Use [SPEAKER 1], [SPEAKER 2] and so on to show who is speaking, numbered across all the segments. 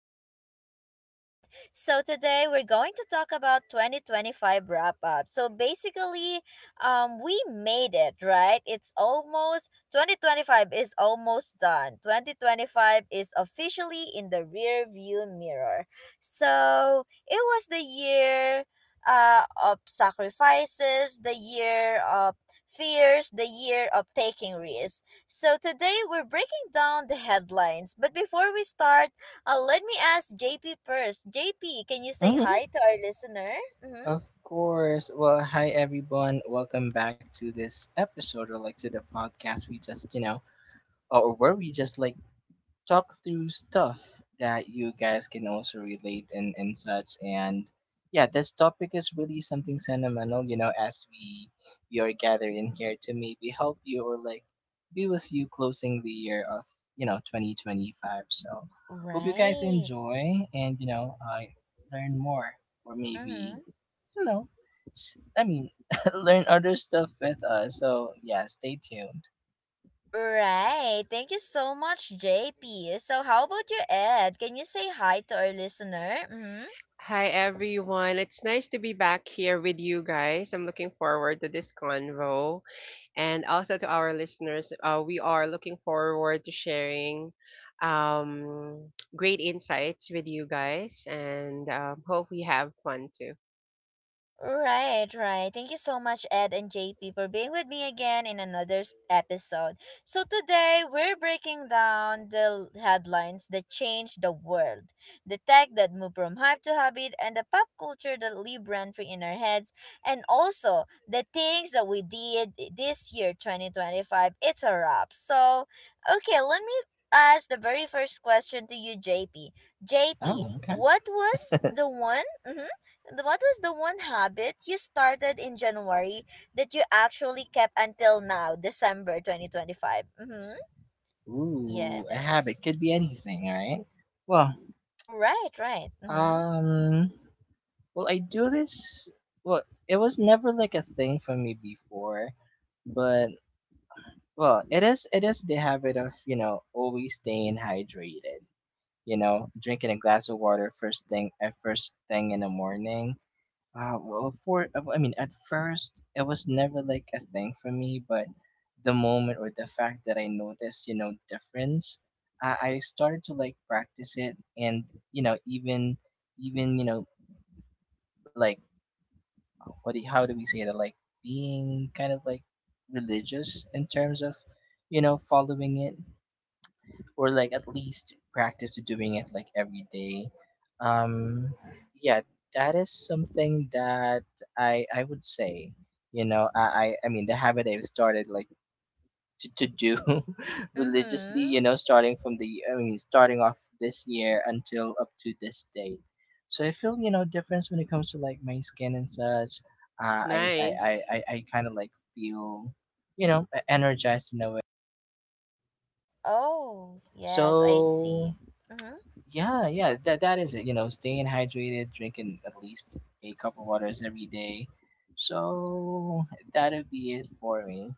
[SPEAKER 1] with JP and Ed. So today we're going to talk about 2025 wrap up. So basically, we made it, right? It's almost 2025 is almost done. 2025 is officially in the rear view mirror. So it was the year of sacrifices, the year of fears, the year of taking risks. So today we're breaking down the headlines. But before we start, let me ask JP first. JP, can you say
[SPEAKER 2] Hmm.
[SPEAKER 1] hi to our listener? Mm-hmm.
[SPEAKER 2] Of course. Well, hi everyone. Welcome back to this episode or like to the podcast we just, or where we just like talk through stuff that you guys can also relate and such. And yeah, this topic is really something sentimental, as we are gathering here to maybe help you or like be with you closing the year of 2025. So hope you guys
[SPEAKER 1] Right.
[SPEAKER 2] enjoy, and I learn more, or
[SPEAKER 1] Mm-hmm.
[SPEAKER 2] maybe you know I mean, learn other stuff with us. So yeah, stay tuned.
[SPEAKER 1] Right, thank you so much, JP. So how about you, Ed? Can you say hi to our listener? Mm-hmm.
[SPEAKER 3] Hi everyone. It's nice to be back here with you guys. I'm looking forward to this convo and also to our listeners. We are looking forward to sharing um, great insights with you guys and hope we have fun too.
[SPEAKER 1] Right, right, thank you so much, Ed and JP, for being with me again in another episode. So today we're breaking down the headlines that changed the world, the tech that moved from hype to habit, and the pop culture that live rent free in our heads, and also the things that we did this year, 2025. It's a wrap. So okay, let me ask the very first question to you, JP. JP,
[SPEAKER 2] Oh, okay.
[SPEAKER 1] what was the one? Mhm, what was the one habit you started in January that you actually kept until now, December 2025? Mm-hmm.
[SPEAKER 2] Ooh, a
[SPEAKER 1] Yes.
[SPEAKER 2] habit could be anything, all right? Well,
[SPEAKER 1] Right, right. Mm-hmm.
[SPEAKER 2] um, well, I do this. Well, it was never like a thing for me before, but well, it is. It is the habit of always staying hydrated. You know, drinking a glass of water first thing in the morning. Well, for I mean, at first it was never like a thing for me, but the moment or the fact that I noticed, difference, I started to like practice it, and even even you know, like how do we say that? Like being kind of like religious in terms of following it, or like at least practice doing it like every day. Um yeah that is something that I would say. I mean the habit I've started, like to do religiously,
[SPEAKER 1] Mm-hmm.
[SPEAKER 2] starting from the I mean starting off this year until up to this date. So I feel, difference when it comes to like my skin and such. uh, i i i,
[SPEAKER 3] Nice.
[SPEAKER 2] I, I kind of like feel energized in a way.
[SPEAKER 1] Oh, yes, I
[SPEAKER 2] So
[SPEAKER 1] see. Mm-hmm.
[SPEAKER 2] yeah, yeah, that is it. You know, staying hydrated, drinking at least a cup of waters every day. So that'll be it for me.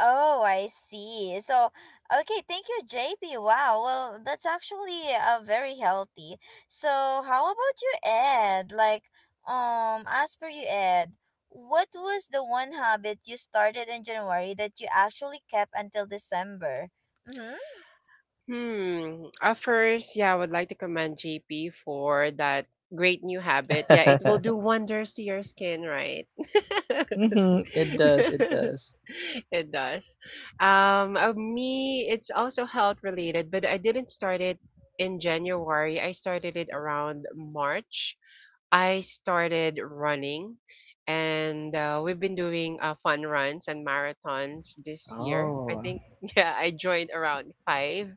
[SPEAKER 1] Oh, I see. So okay, thank you, JP. Wow, well, that's actually very healthy. So how about you, Ed? Like, as per you, Ed, what was the one habit you started in January that you actually kept until December? Mm-hmm.
[SPEAKER 3] Hmm. First, yeah, I would like to commend JP for that great new habit. Yeah, it will do wonders to your skin, right?
[SPEAKER 2] It does. It does.
[SPEAKER 3] It does. Of me, it's also health related, but I didn't start it in January. I started it around March. I started running, and we've been doing fun runs and marathons this year. I
[SPEAKER 2] Oh,
[SPEAKER 3] think yeah, I joined around five,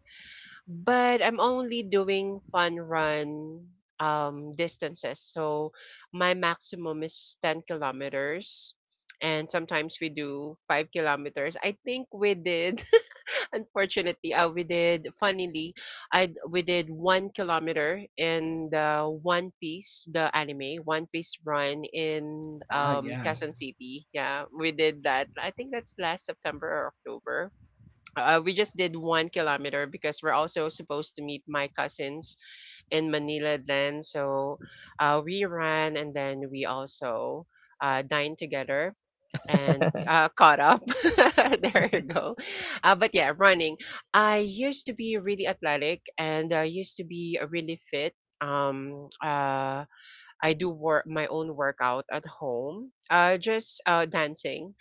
[SPEAKER 3] but I'm only doing fun run distances. So my maximum is 10 kilometers and sometimes we do 5 kilometers. I think we did unfortunately we did funnily I we did 1 kilometer in the One Piece the anime One Piece run in
[SPEAKER 2] yeah.
[SPEAKER 3] Quezon City. Yeah, we did that. I think that's last September or October. We just did 1 kilometer because we're also supposed to meet my cousins in Manila then. So we ran and then we also dined together and caught up. There you go. But yeah, running. I used to be really athletic and I used to be really fit. Um, uh, I do work my own workout at home. Just dancing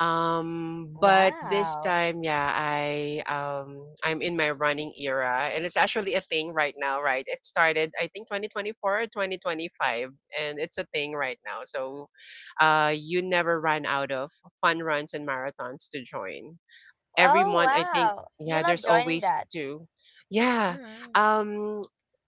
[SPEAKER 3] um, but this
[SPEAKER 1] Wow.
[SPEAKER 3] time, yeah, I'm in my running era, and it's actually a thing right now, right? It started, I think, 2024 or 2025, and it's a thing right now. So, you never run out of fun runs and marathons to join every
[SPEAKER 1] Oh,
[SPEAKER 3] month, I think.
[SPEAKER 1] wow, you
[SPEAKER 3] Yeah,
[SPEAKER 1] love
[SPEAKER 3] there's
[SPEAKER 1] joining
[SPEAKER 3] always
[SPEAKER 1] that.
[SPEAKER 3] two. Yeah.
[SPEAKER 1] Mm-hmm.
[SPEAKER 3] Um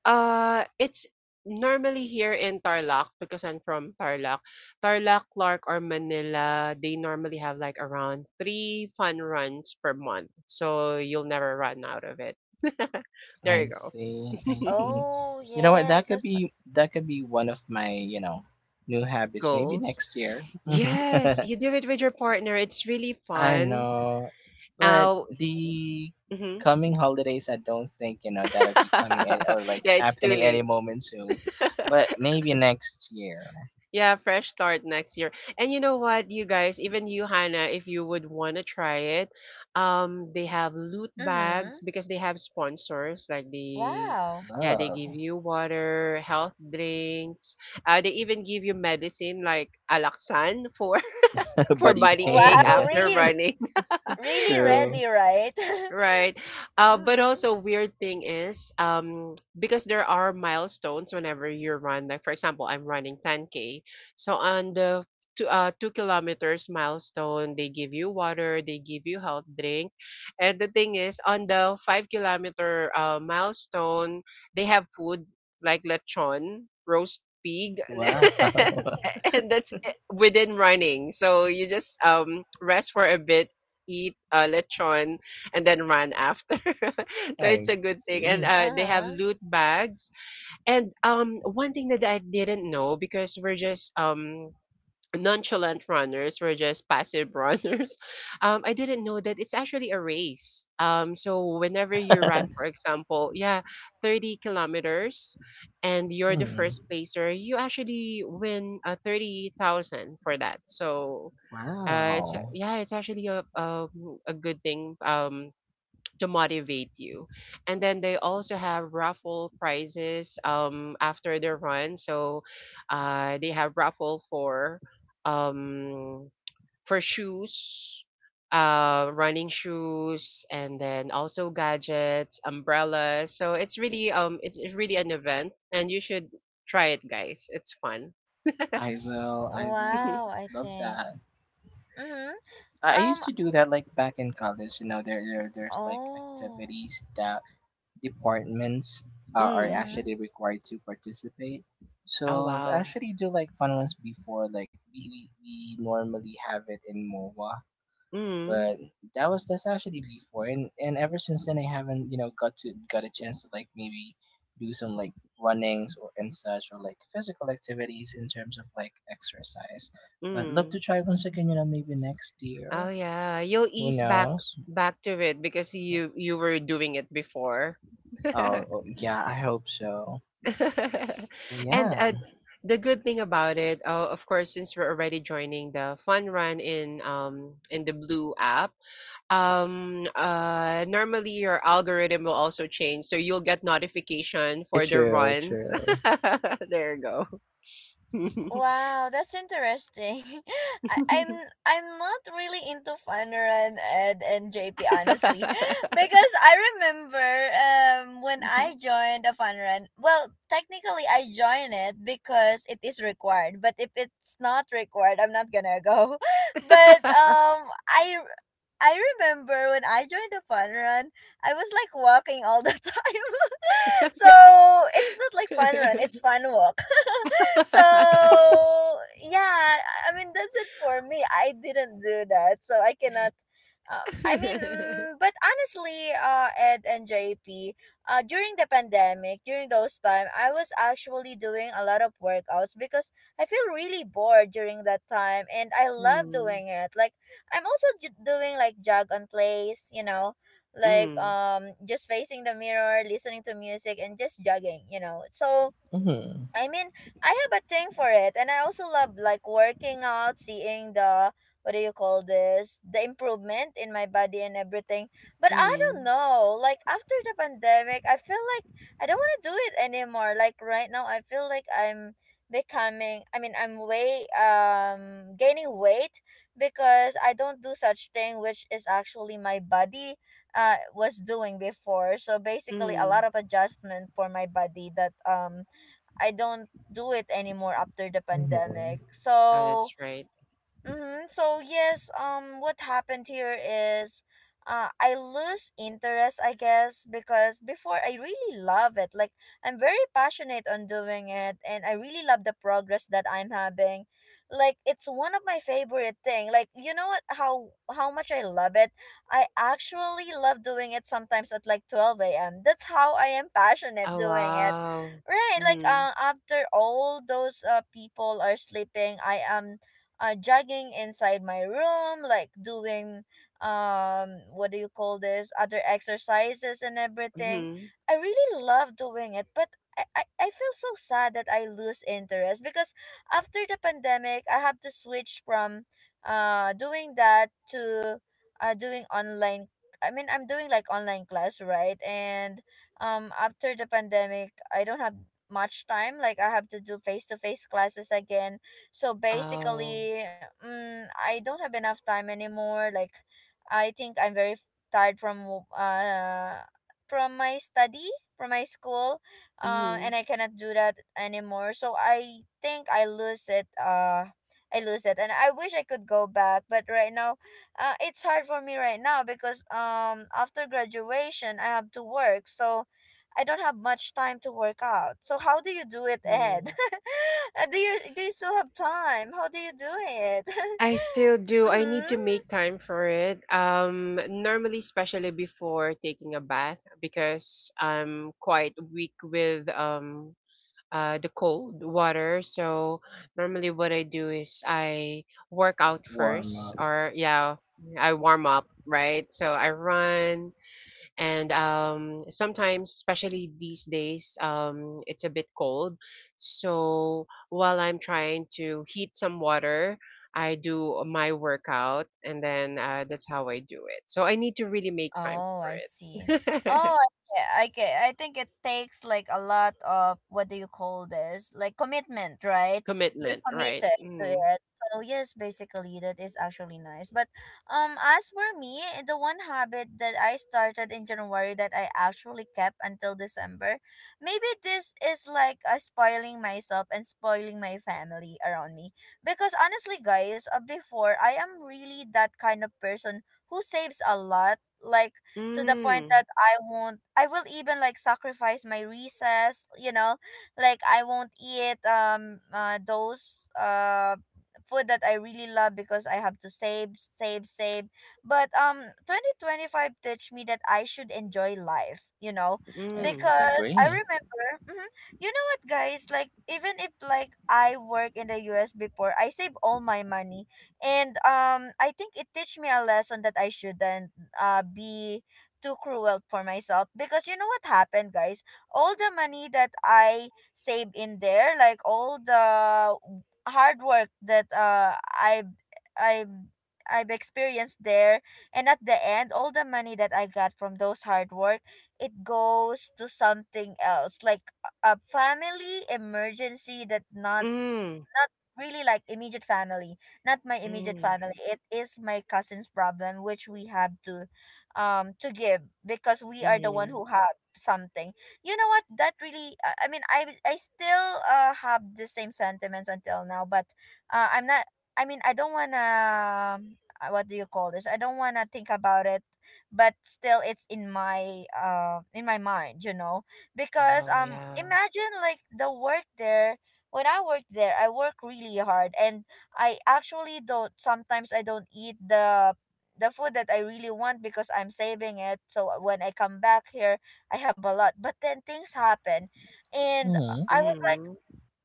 [SPEAKER 3] it's normally here in Tarlac because I'm from Tarlac. Tarlac, Clark or Manila, they normally have like around 3 fun runs per month. So you'll never run out of it. There
[SPEAKER 2] I
[SPEAKER 3] you go.
[SPEAKER 2] see. I see.
[SPEAKER 1] Oh,
[SPEAKER 2] You know what?
[SPEAKER 1] yes,
[SPEAKER 2] That could
[SPEAKER 1] that's right.
[SPEAKER 2] be that could be one of my new habits. Maybe
[SPEAKER 3] Goals.
[SPEAKER 2] next year. Hmm.
[SPEAKER 3] Yes, you do it with your partner. It's really
[SPEAKER 2] I
[SPEAKER 3] fun.
[SPEAKER 2] know, but
[SPEAKER 3] Ow.
[SPEAKER 2] the
[SPEAKER 3] Mhm.
[SPEAKER 2] coming holidays, I don't think that'll be coming or like
[SPEAKER 3] Yeah, it's too
[SPEAKER 2] happening any
[SPEAKER 3] late.
[SPEAKER 2] moment soon. But maybe next year.
[SPEAKER 3] Yeah, fresh start next year. And you know what, you guys, even you, Hannah, if you would want to try it, they have loot
[SPEAKER 1] Mm-hmm.
[SPEAKER 3] bags because they have sponsors. Like they,
[SPEAKER 1] Wow.
[SPEAKER 3] yeah, they give
[SPEAKER 2] Love.
[SPEAKER 3] you water, health drinks. They even give you medicine like Alaksan for for
[SPEAKER 2] Buddy
[SPEAKER 3] body ache
[SPEAKER 2] pain.
[SPEAKER 1] Wow,
[SPEAKER 3] after
[SPEAKER 1] really,
[SPEAKER 3] running.
[SPEAKER 1] really
[SPEAKER 2] True.
[SPEAKER 1] ready, right?
[SPEAKER 3] Right. But
[SPEAKER 1] Mm-hmm.
[SPEAKER 3] also, weird thing is, because there are milestones whenever you run. Like, for example, I'm running 10k, so on the two kilometers milestone they give you water, they give you health drink. And the thing is on the 5 kilometer milestone they have food like lechon, roast pig.
[SPEAKER 2] Wow.
[SPEAKER 3] And that's it within running, so you just rest for a bit, eat lechon and then run after. So it's
[SPEAKER 2] I
[SPEAKER 3] a good thing. And
[SPEAKER 2] see.
[SPEAKER 3] they have
[SPEAKER 1] Uh-huh.
[SPEAKER 3] loot bags. And one thing that I didn't know because we're just nonchalant runners, we're just passive runners. I didn't know that it's actually a race. So whenever you run, for example, yeah, 30 kilometers, and you're the
[SPEAKER 2] Hmm.
[SPEAKER 3] first placer, you actually win 30,000 for that. So. It's,
[SPEAKER 2] Wow.
[SPEAKER 3] yeah, it's actually a good thing to motivate you. And then they also have raffle prizes after the run. So they have raffle for um shoes, running shoes and then also gadgets, umbrellas. So it's really an event and you should try it guys. It's fun.
[SPEAKER 2] I will. I will.
[SPEAKER 1] Wow, I
[SPEAKER 2] Love
[SPEAKER 1] think.
[SPEAKER 2] that.
[SPEAKER 1] Mm-hmm.
[SPEAKER 2] I used
[SPEAKER 1] Um,
[SPEAKER 2] to do that like back in college. You know, there's like
[SPEAKER 1] oh.
[SPEAKER 2] activities that departments are
[SPEAKER 3] Mm.
[SPEAKER 1] Mm-hmm.
[SPEAKER 2] actually required to participate.
[SPEAKER 3] Oh
[SPEAKER 2] So
[SPEAKER 3] wow.
[SPEAKER 2] actually do like fun ones before like we normally have it in MOA,
[SPEAKER 3] Mm.
[SPEAKER 2] but that's actually before, and ever since then I haven't, got a chance to like maybe do some like runnings, or and such, or like physical activities in terms of like exercise. But love to
[SPEAKER 3] Mm.
[SPEAKER 2] try once again, maybe next year.
[SPEAKER 3] Oh yeah, you'll
[SPEAKER 2] Who
[SPEAKER 3] ease back
[SPEAKER 2] knows?
[SPEAKER 3] back to it because you were doing it before.
[SPEAKER 2] Oh, oh yeah, I hope so. But
[SPEAKER 3] and
[SPEAKER 2] yeah,
[SPEAKER 3] uh, the good thing about it, of course, since we're already joining the fun run in the blue app, normally your algorithm will also change, so you'll get notification for the
[SPEAKER 2] true,
[SPEAKER 3] runs.
[SPEAKER 2] true.
[SPEAKER 3] There you go.
[SPEAKER 1] Wow, that's interesting. I'm I'm not really into Funner and Ed and JP honestly, because I remember when I joined a Funner, and well, technically I joined it because it is required, but if it's not required, I'm not gonna go. But I. I remember when I joined the fun run, I was like walking all the time. So it's not like fun run, it's fun walk. So yeah, I mean, that's it for me. I didn't do that, so I cannot. I mean, mm, but honestly, Ed and JP, during the pandemic, during those time, I was actually doing a lot of workouts because I feel really bored during that time, and I love
[SPEAKER 3] Mm,
[SPEAKER 1] doing it. Like, I'm also doing like jog on place, you know, like
[SPEAKER 3] mm,
[SPEAKER 1] just facing the mirror, listening to music and just jogging, you know. So
[SPEAKER 2] Mm-hmm.
[SPEAKER 1] I mean, I have a thing for it, and I also love like working out, seeing the, what do you call this, the improvement in my body and everything. But I don't
[SPEAKER 3] mm,
[SPEAKER 1] know, like after the pandemic, I feel like I don't want to do it anymore. Like right now, I feel like I'm becoming, I mean, I'm way gaining weight because I don't do such thing, which is actually my body was doing before. So basically, a lot
[SPEAKER 3] mm.
[SPEAKER 1] of adjustment for my body that I don't do it anymore after the
[SPEAKER 2] Mm-hmm.
[SPEAKER 1] pandemic.
[SPEAKER 3] Oh,
[SPEAKER 1] So
[SPEAKER 3] that's right.
[SPEAKER 1] mm-hmm. So yes, what happened here is, I lose interest, I guess, because before I really love it. Like I'm very passionate on doing it, and I really love the progress that I'm having. Like it's one of my favorite thing. Like, you know what? How much I love it. I actually love doing it sometimes at like 12 a.m. That's how I am passionate
[SPEAKER 3] Oh,
[SPEAKER 1] doing it.
[SPEAKER 3] wow.
[SPEAKER 1] Right, like
[SPEAKER 3] Mm,
[SPEAKER 1] after all those people are sleeping, I am jogging inside my room, like doing what do you call this, other exercises and everything.
[SPEAKER 3] mm-hmm.
[SPEAKER 1] I really love doing it, but I feel so sad that I lose interest because after the pandemic, I have to switch from doing that to doing online. I mean, I'm doing like online class, right? And after the pandemic, I don't have much time. Like, I have to do face to face classes again. So
[SPEAKER 3] Oh,
[SPEAKER 1] basically, mm, I don't have enough time anymore. Like, I think I'm very tired from from my study, from my school,
[SPEAKER 3] mm-hmm.
[SPEAKER 1] and I cannot do that anymore. So I think I lose it. I lose it, and I wish I could go back, but right now, it's hard for me right now because after graduation I have to work. So I don't have much time to work out. So how do you do it, Ed?
[SPEAKER 3] Mm.
[SPEAKER 1] Do you, do you still have time? How do you do it?
[SPEAKER 3] I still do. I need to
[SPEAKER 1] mhm.
[SPEAKER 3] make time for it. Normally, especially before taking a bath, because I'm quite weak with the cold water. So normally what I do is I work out
[SPEAKER 2] Warm
[SPEAKER 3] first
[SPEAKER 2] up.
[SPEAKER 3] or yeah, I warm up, right? So I run and sometimes, especially these days, it's a bit cold. So while I'm trying to heat some water, I do my workout and then that's how I do it. So I need to really make time
[SPEAKER 1] Oh,
[SPEAKER 3] for
[SPEAKER 1] I see.
[SPEAKER 3] it.
[SPEAKER 1] Oh, I, ge- I, I think it takes like a lot of, what do you call this? Like commitment, right? You're
[SPEAKER 3] Commitment, right?
[SPEAKER 1] committed to
[SPEAKER 3] Mm.
[SPEAKER 1] it. So yes, basically that is actually nice. But as for me, the one habit that I started in January that I actually kept until December, maybe this is like spoiling myself and spoiling my family around me. Because honestly, guys, before, I am really that kind of person who saves a lot, like to the point
[SPEAKER 3] Mm.
[SPEAKER 1] that I won't I will even like sacrifice my recess, you know, like I won't eat those food that I really love because I have to save, save, save. But 2025 teach me that I should enjoy life, you know,
[SPEAKER 2] Uh,
[SPEAKER 3] Mm.
[SPEAKER 1] because I
[SPEAKER 2] Agree.
[SPEAKER 1] remember mhm, you know what, guys, like even if like I work in the US before, I save all my money, and I think it teach me a lesson that I shouldn't be too cruel for myself, because you know what happened, guys, all the money that I saved in there, like all the hard work that i i I've experienced there, and at the end, all the money that I got from those hard work, it goes to something else, like a family emergency that not,
[SPEAKER 3] Mm,
[SPEAKER 1] not really like immediate family, not my immediate
[SPEAKER 3] mm,
[SPEAKER 1] family, it is my cousin's problem, which we have to give because we are the one
[SPEAKER 3] mhm.
[SPEAKER 1] who have something. You know what, that really, I mean, I still have the same sentiments until now, but I'm not, I mean, I don't wanna, what do you call this, I don't wanna think about it, but still it's in my mind, you know, because
[SPEAKER 3] Oh, yeah.
[SPEAKER 1] imagine like the work there, when I worked there, I work really hard, and I actually don't, sometimes I don't eat the food that I really want because I'm saving it. So when I come back here, I have a lot. But then things happen, and
[SPEAKER 2] Mm-hmm.
[SPEAKER 1] I was
[SPEAKER 3] Mhm,
[SPEAKER 1] like,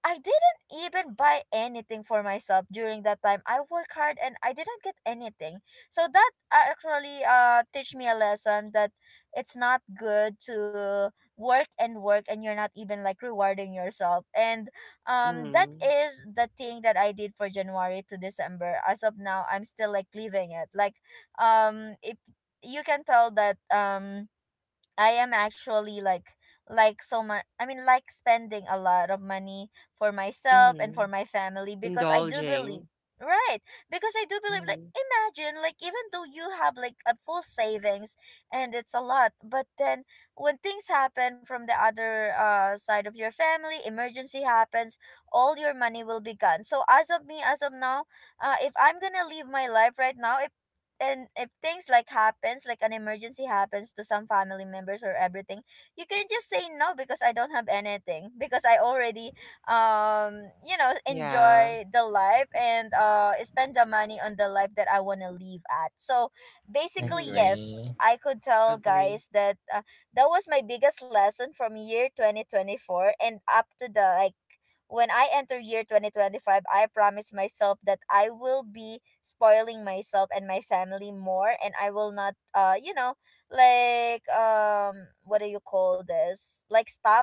[SPEAKER 1] I didn't even buy anything for myself during that time. I worked hard and I didn't get anything. So that actually teach me a lesson that it's not good to work and work and you're not even like rewarding yourself. And that
[SPEAKER 3] mhm,
[SPEAKER 1] is the thing that I did for January to December. As of now, I'm still like leaving it. Like if you can tell that I am actually like so much, I mean, like spending a lot of money for myself and
[SPEAKER 3] mhm.
[SPEAKER 1] for my family, because I do
[SPEAKER 3] Indulging.
[SPEAKER 1] believe, right, because I do believe, like,
[SPEAKER 3] Mhm,
[SPEAKER 1] imagine like, even though you have like a full savings and it's a lot, but then when things happen from the other side of your family, emergency happens, all your money will be gone. So as of me, as of now, if I'm going to live my life right now, if and if things like happens, like an emergency happens to some family members or everything, you can just say no, because I don't have anything, because I already, you know,
[SPEAKER 3] yeah.
[SPEAKER 1] enjoy the life and spend the money on the life that I want to live at. So basically,
[SPEAKER 3] Mhm,
[SPEAKER 1] yes,
[SPEAKER 2] Agree.
[SPEAKER 1] I could tell,
[SPEAKER 3] agree.
[SPEAKER 1] guys, that that was my biggest lesson from year 2024, and up to the like when I enter year 2025, I promise myself that I will be spoiling myself and my family more, and I will not, you know, like what do you call this, like stop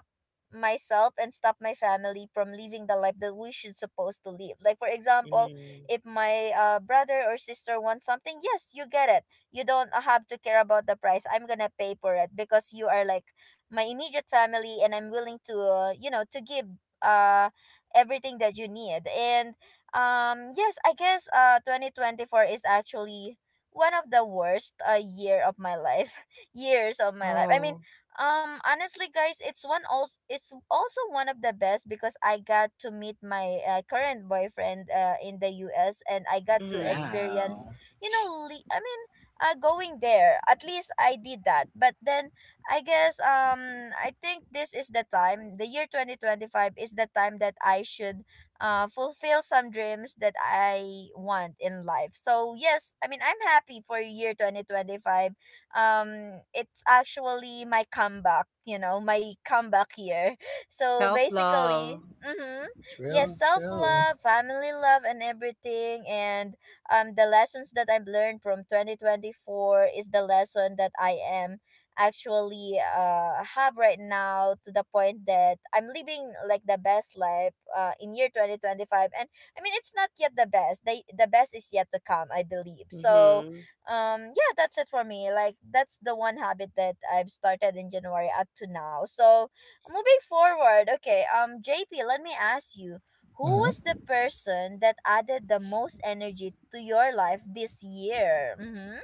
[SPEAKER 1] myself and stop my family from living the life that we should supposed to live. Like for example,
[SPEAKER 3] Mhm,
[SPEAKER 1] if my brother or sister wants something, yes, you get it. You don't have to care about the price. I'm gonna pay for it, because you are like my immediate family, and I'm willing to you know, to give uh everything that you need. And yes, I guess 2024 is actually one of the worst year of my life. Years of my life. I mean,
[SPEAKER 3] oh,
[SPEAKER 1] honestly guys, it's also one of the best because I got to meet my current boyfriend in the US, and I got to
[SPEAKER 3] mhm,
[SPEAKER 1] experience,
[SPEAKER 2] Wow.
[SPEAKER 1] I mean, going there. At least I did that. But then I guess I think this is the time the year 2025 is the time that I should fulfill some dreams that I want in life. So yes, I mean, I'm happy for year 2025. It's actually my comeback, my comeback year. So
[SPEAKER 3] self
[SPEAKER 1] basically,
[SPEAKER 3] love.
[SPEAKER 1] mhm. Yes,
[SPEAKER 2] True, true.
[SPEAKER 1] self-love, family love, and everything. And the lessons that I've learned from 2024 is the lesson that I am actually have right now, to the point that I'm living like the best life in year 2025. And I mean, it's not yet the best. The best is yet to come, I believe. So
[SPEAKER 3] Mhm.
[SPEAKER 1] yeah, that's it for me, like that's the one habit that I've started in January up to now. So moving forward, okay, JP, let me ask you, who was
[SPEAKER 2] Mm-hmm.
[SPEAKER 1] the person that added the most energy to your life this year? Mm-hmm.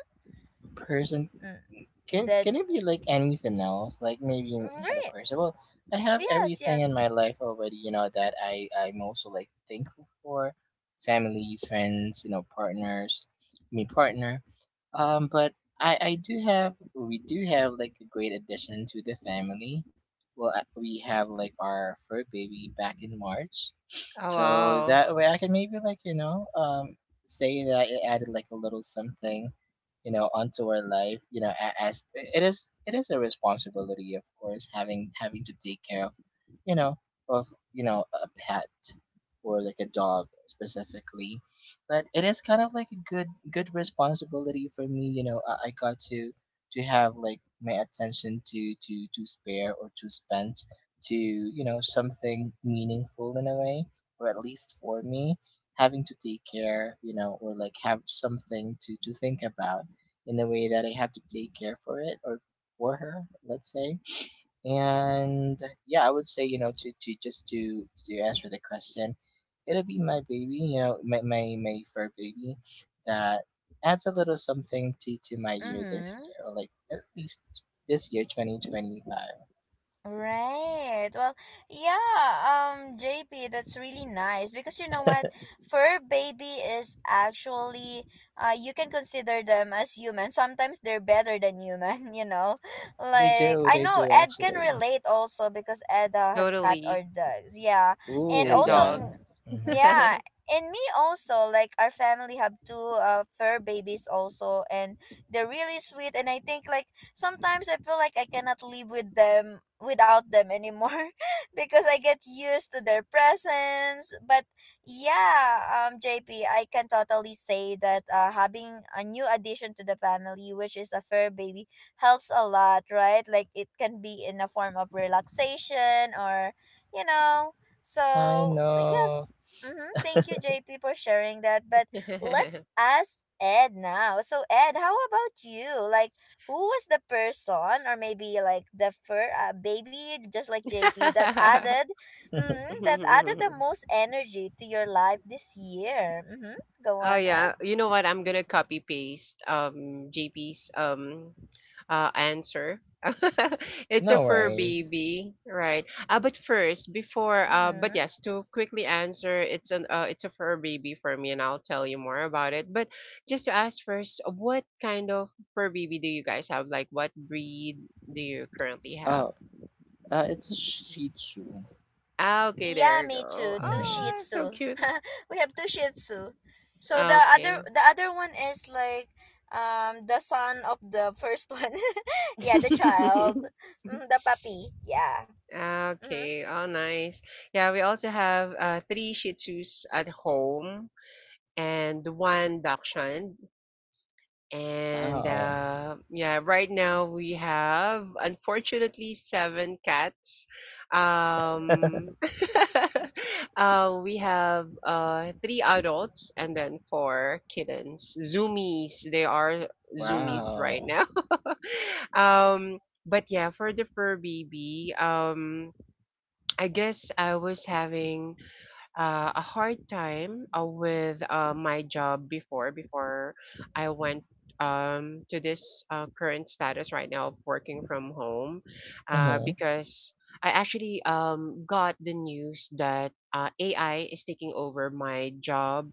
[SPEAKER 2] Person,
[SPEAKER 1] Mm,
[SPEAKER 2] can
[SPEAKER 1] that
[SPEAKER 2] can it be like anything else? Like maybe not a
[SPEAKER 1] right.
[SPEAKER 2] person. Well, I have
[SPEAKER 1] Yes,
[SPEAKER 2] everything in
[SPEAKER 1] yes.
[SPEAKER 2] my life already. You know that I'm also like thankful for families, friends, partners, me partner. But I do have we do have like a great addition to the family. Well, we have like our first baby back in March,
[SPEAKER 3] Oh,
[SPEAKER 2] so
[SPEAKER 3] wow.
[SPEAKER 2] that way I can maybe like say that it added like a little something, onto our life, as it is a responsibility, of course, having to take care you know of you know a pet, or like a dog specifically, but it is kind of like a good responsibility for me. I got to have like my attention to spare or to spend to something meaningful in a way, or at least for me having to take care, or like have something to think about in the way that I have to take care for it, or for her, let's say. And yeah, I would say, to just to answer the question, it'll be my baby, my fur baby that adds a little something to my year this
[SPEAKER 1] Mm-hmm.
[SPEAKER 2] year, or like at least this year, 2025.
[SPEAKER 1] Right. Well, yeah, JP, that's really nice, because you know what? Fur baby is actually, you can consider them as human. Sometimes they're better than human, you know. Like, I
[SPEAKER 2] They
[SPEAKER 1] know
[SPEAKER 2] do
[SPEAKER 1] Ed can
[SPEAKER 2] actually.
[SPEAKER 1] relate also, because Ed has cat or
[SPEAKER 3] Totally.
[SPEAKER 1] dogs. Yeah. And
[SPEAKER 2] Ooh,
[SPEAKER 3] And
[SPEAKER 1] also
[SPEAKER 2] yeah.
[SPEAKER 1] m-
[SPEAKER 3] dogs.
[SPEAKER 2] Hmm.
[SPEAKER 1] yeah, and me also, like our family have two fur babies also, and they're really sweet. And I think like, sometimes I feel like I cannot live without them anymore because I get used to their presence. But yeah, JP, I can totally say that, having a new addition to the family, which is a fur baby, helps a lot, right? Like, it can be in a form of relaxation or you know.
[SPEAKER 2] I
[SPEAKER 1] So, yes.
[SPEAKER 2] know.
[SPEAKER 1] Mm-hmm. Thank you, JP, for sharing that. But let's ask Ed now. So, Ed, how about you? Like, who was the person or maybe like the fur baby, just like JP, that added mm, that added the most energy to your life this year? Mm-hmm. Go
[SPEAKER 3] Oh
[SPEAKER 1] on, Ed.
[SPEAKER 3] yeah, you know what? I'm gonna copy paste JP's answer. It's a
[SPEAKER 2] No
[SPEAKER 3] fur
[SPEAKER 2] worries.
[SPEAKER 3] baby, right? But first, before, but
[SPEAKER 1] Mm-hmm.
[SPEAKER 3] yes, to quickly answer, it's a fur baby for me, and I'll tell you more about it. But just to ask first, what kind of fur baby do you guys have? Like, what breed do you currently have?
[SPEAKER 2] Oh, it's a Shih Tzu.
[SPEAKER 3] Ah, okay,
[SPEAKER 1] Yeah,
[SPEAKER 3] there you
[SPEAKER 1] me
[SPEAKER 3] go.
[SPEAKER 1] too, two shih
[SPEAKER 2] Hmm.
[SPEAKER 3] Ah, so
[SPEAKER 1] tzu.
[SPEAKER 3] cute.
[SPEAKER 1] We have two shih tzu, so
[SPEAKER 3] Okay.
[SPEAKER 1] the other one is like, the son of the first one. Yeah, the child, the puppy. Yeah. Mm-hmm.
[SPEAKER 3] Okay, oh nice. Yeah, we also have three Shih Tzus at home. And one Dakshan. And
[SPEAKER 2] Wow.
[SPEAKER 3] yeah, right now we have unfortunately seven cats. Um, we have three adults and then four kittens. Zoomies, they are zoomies right
[SPEAKER 2] Wow.
[SPEAKER 3] now. um, but yeah, for the fur baby, I guess I was having a hard time with my job before I went to this current status right now of working from home
[SPEAKER 2] Mm-hmm.
[SPEAKER 3] because I actually got the news that AI is taking over my job,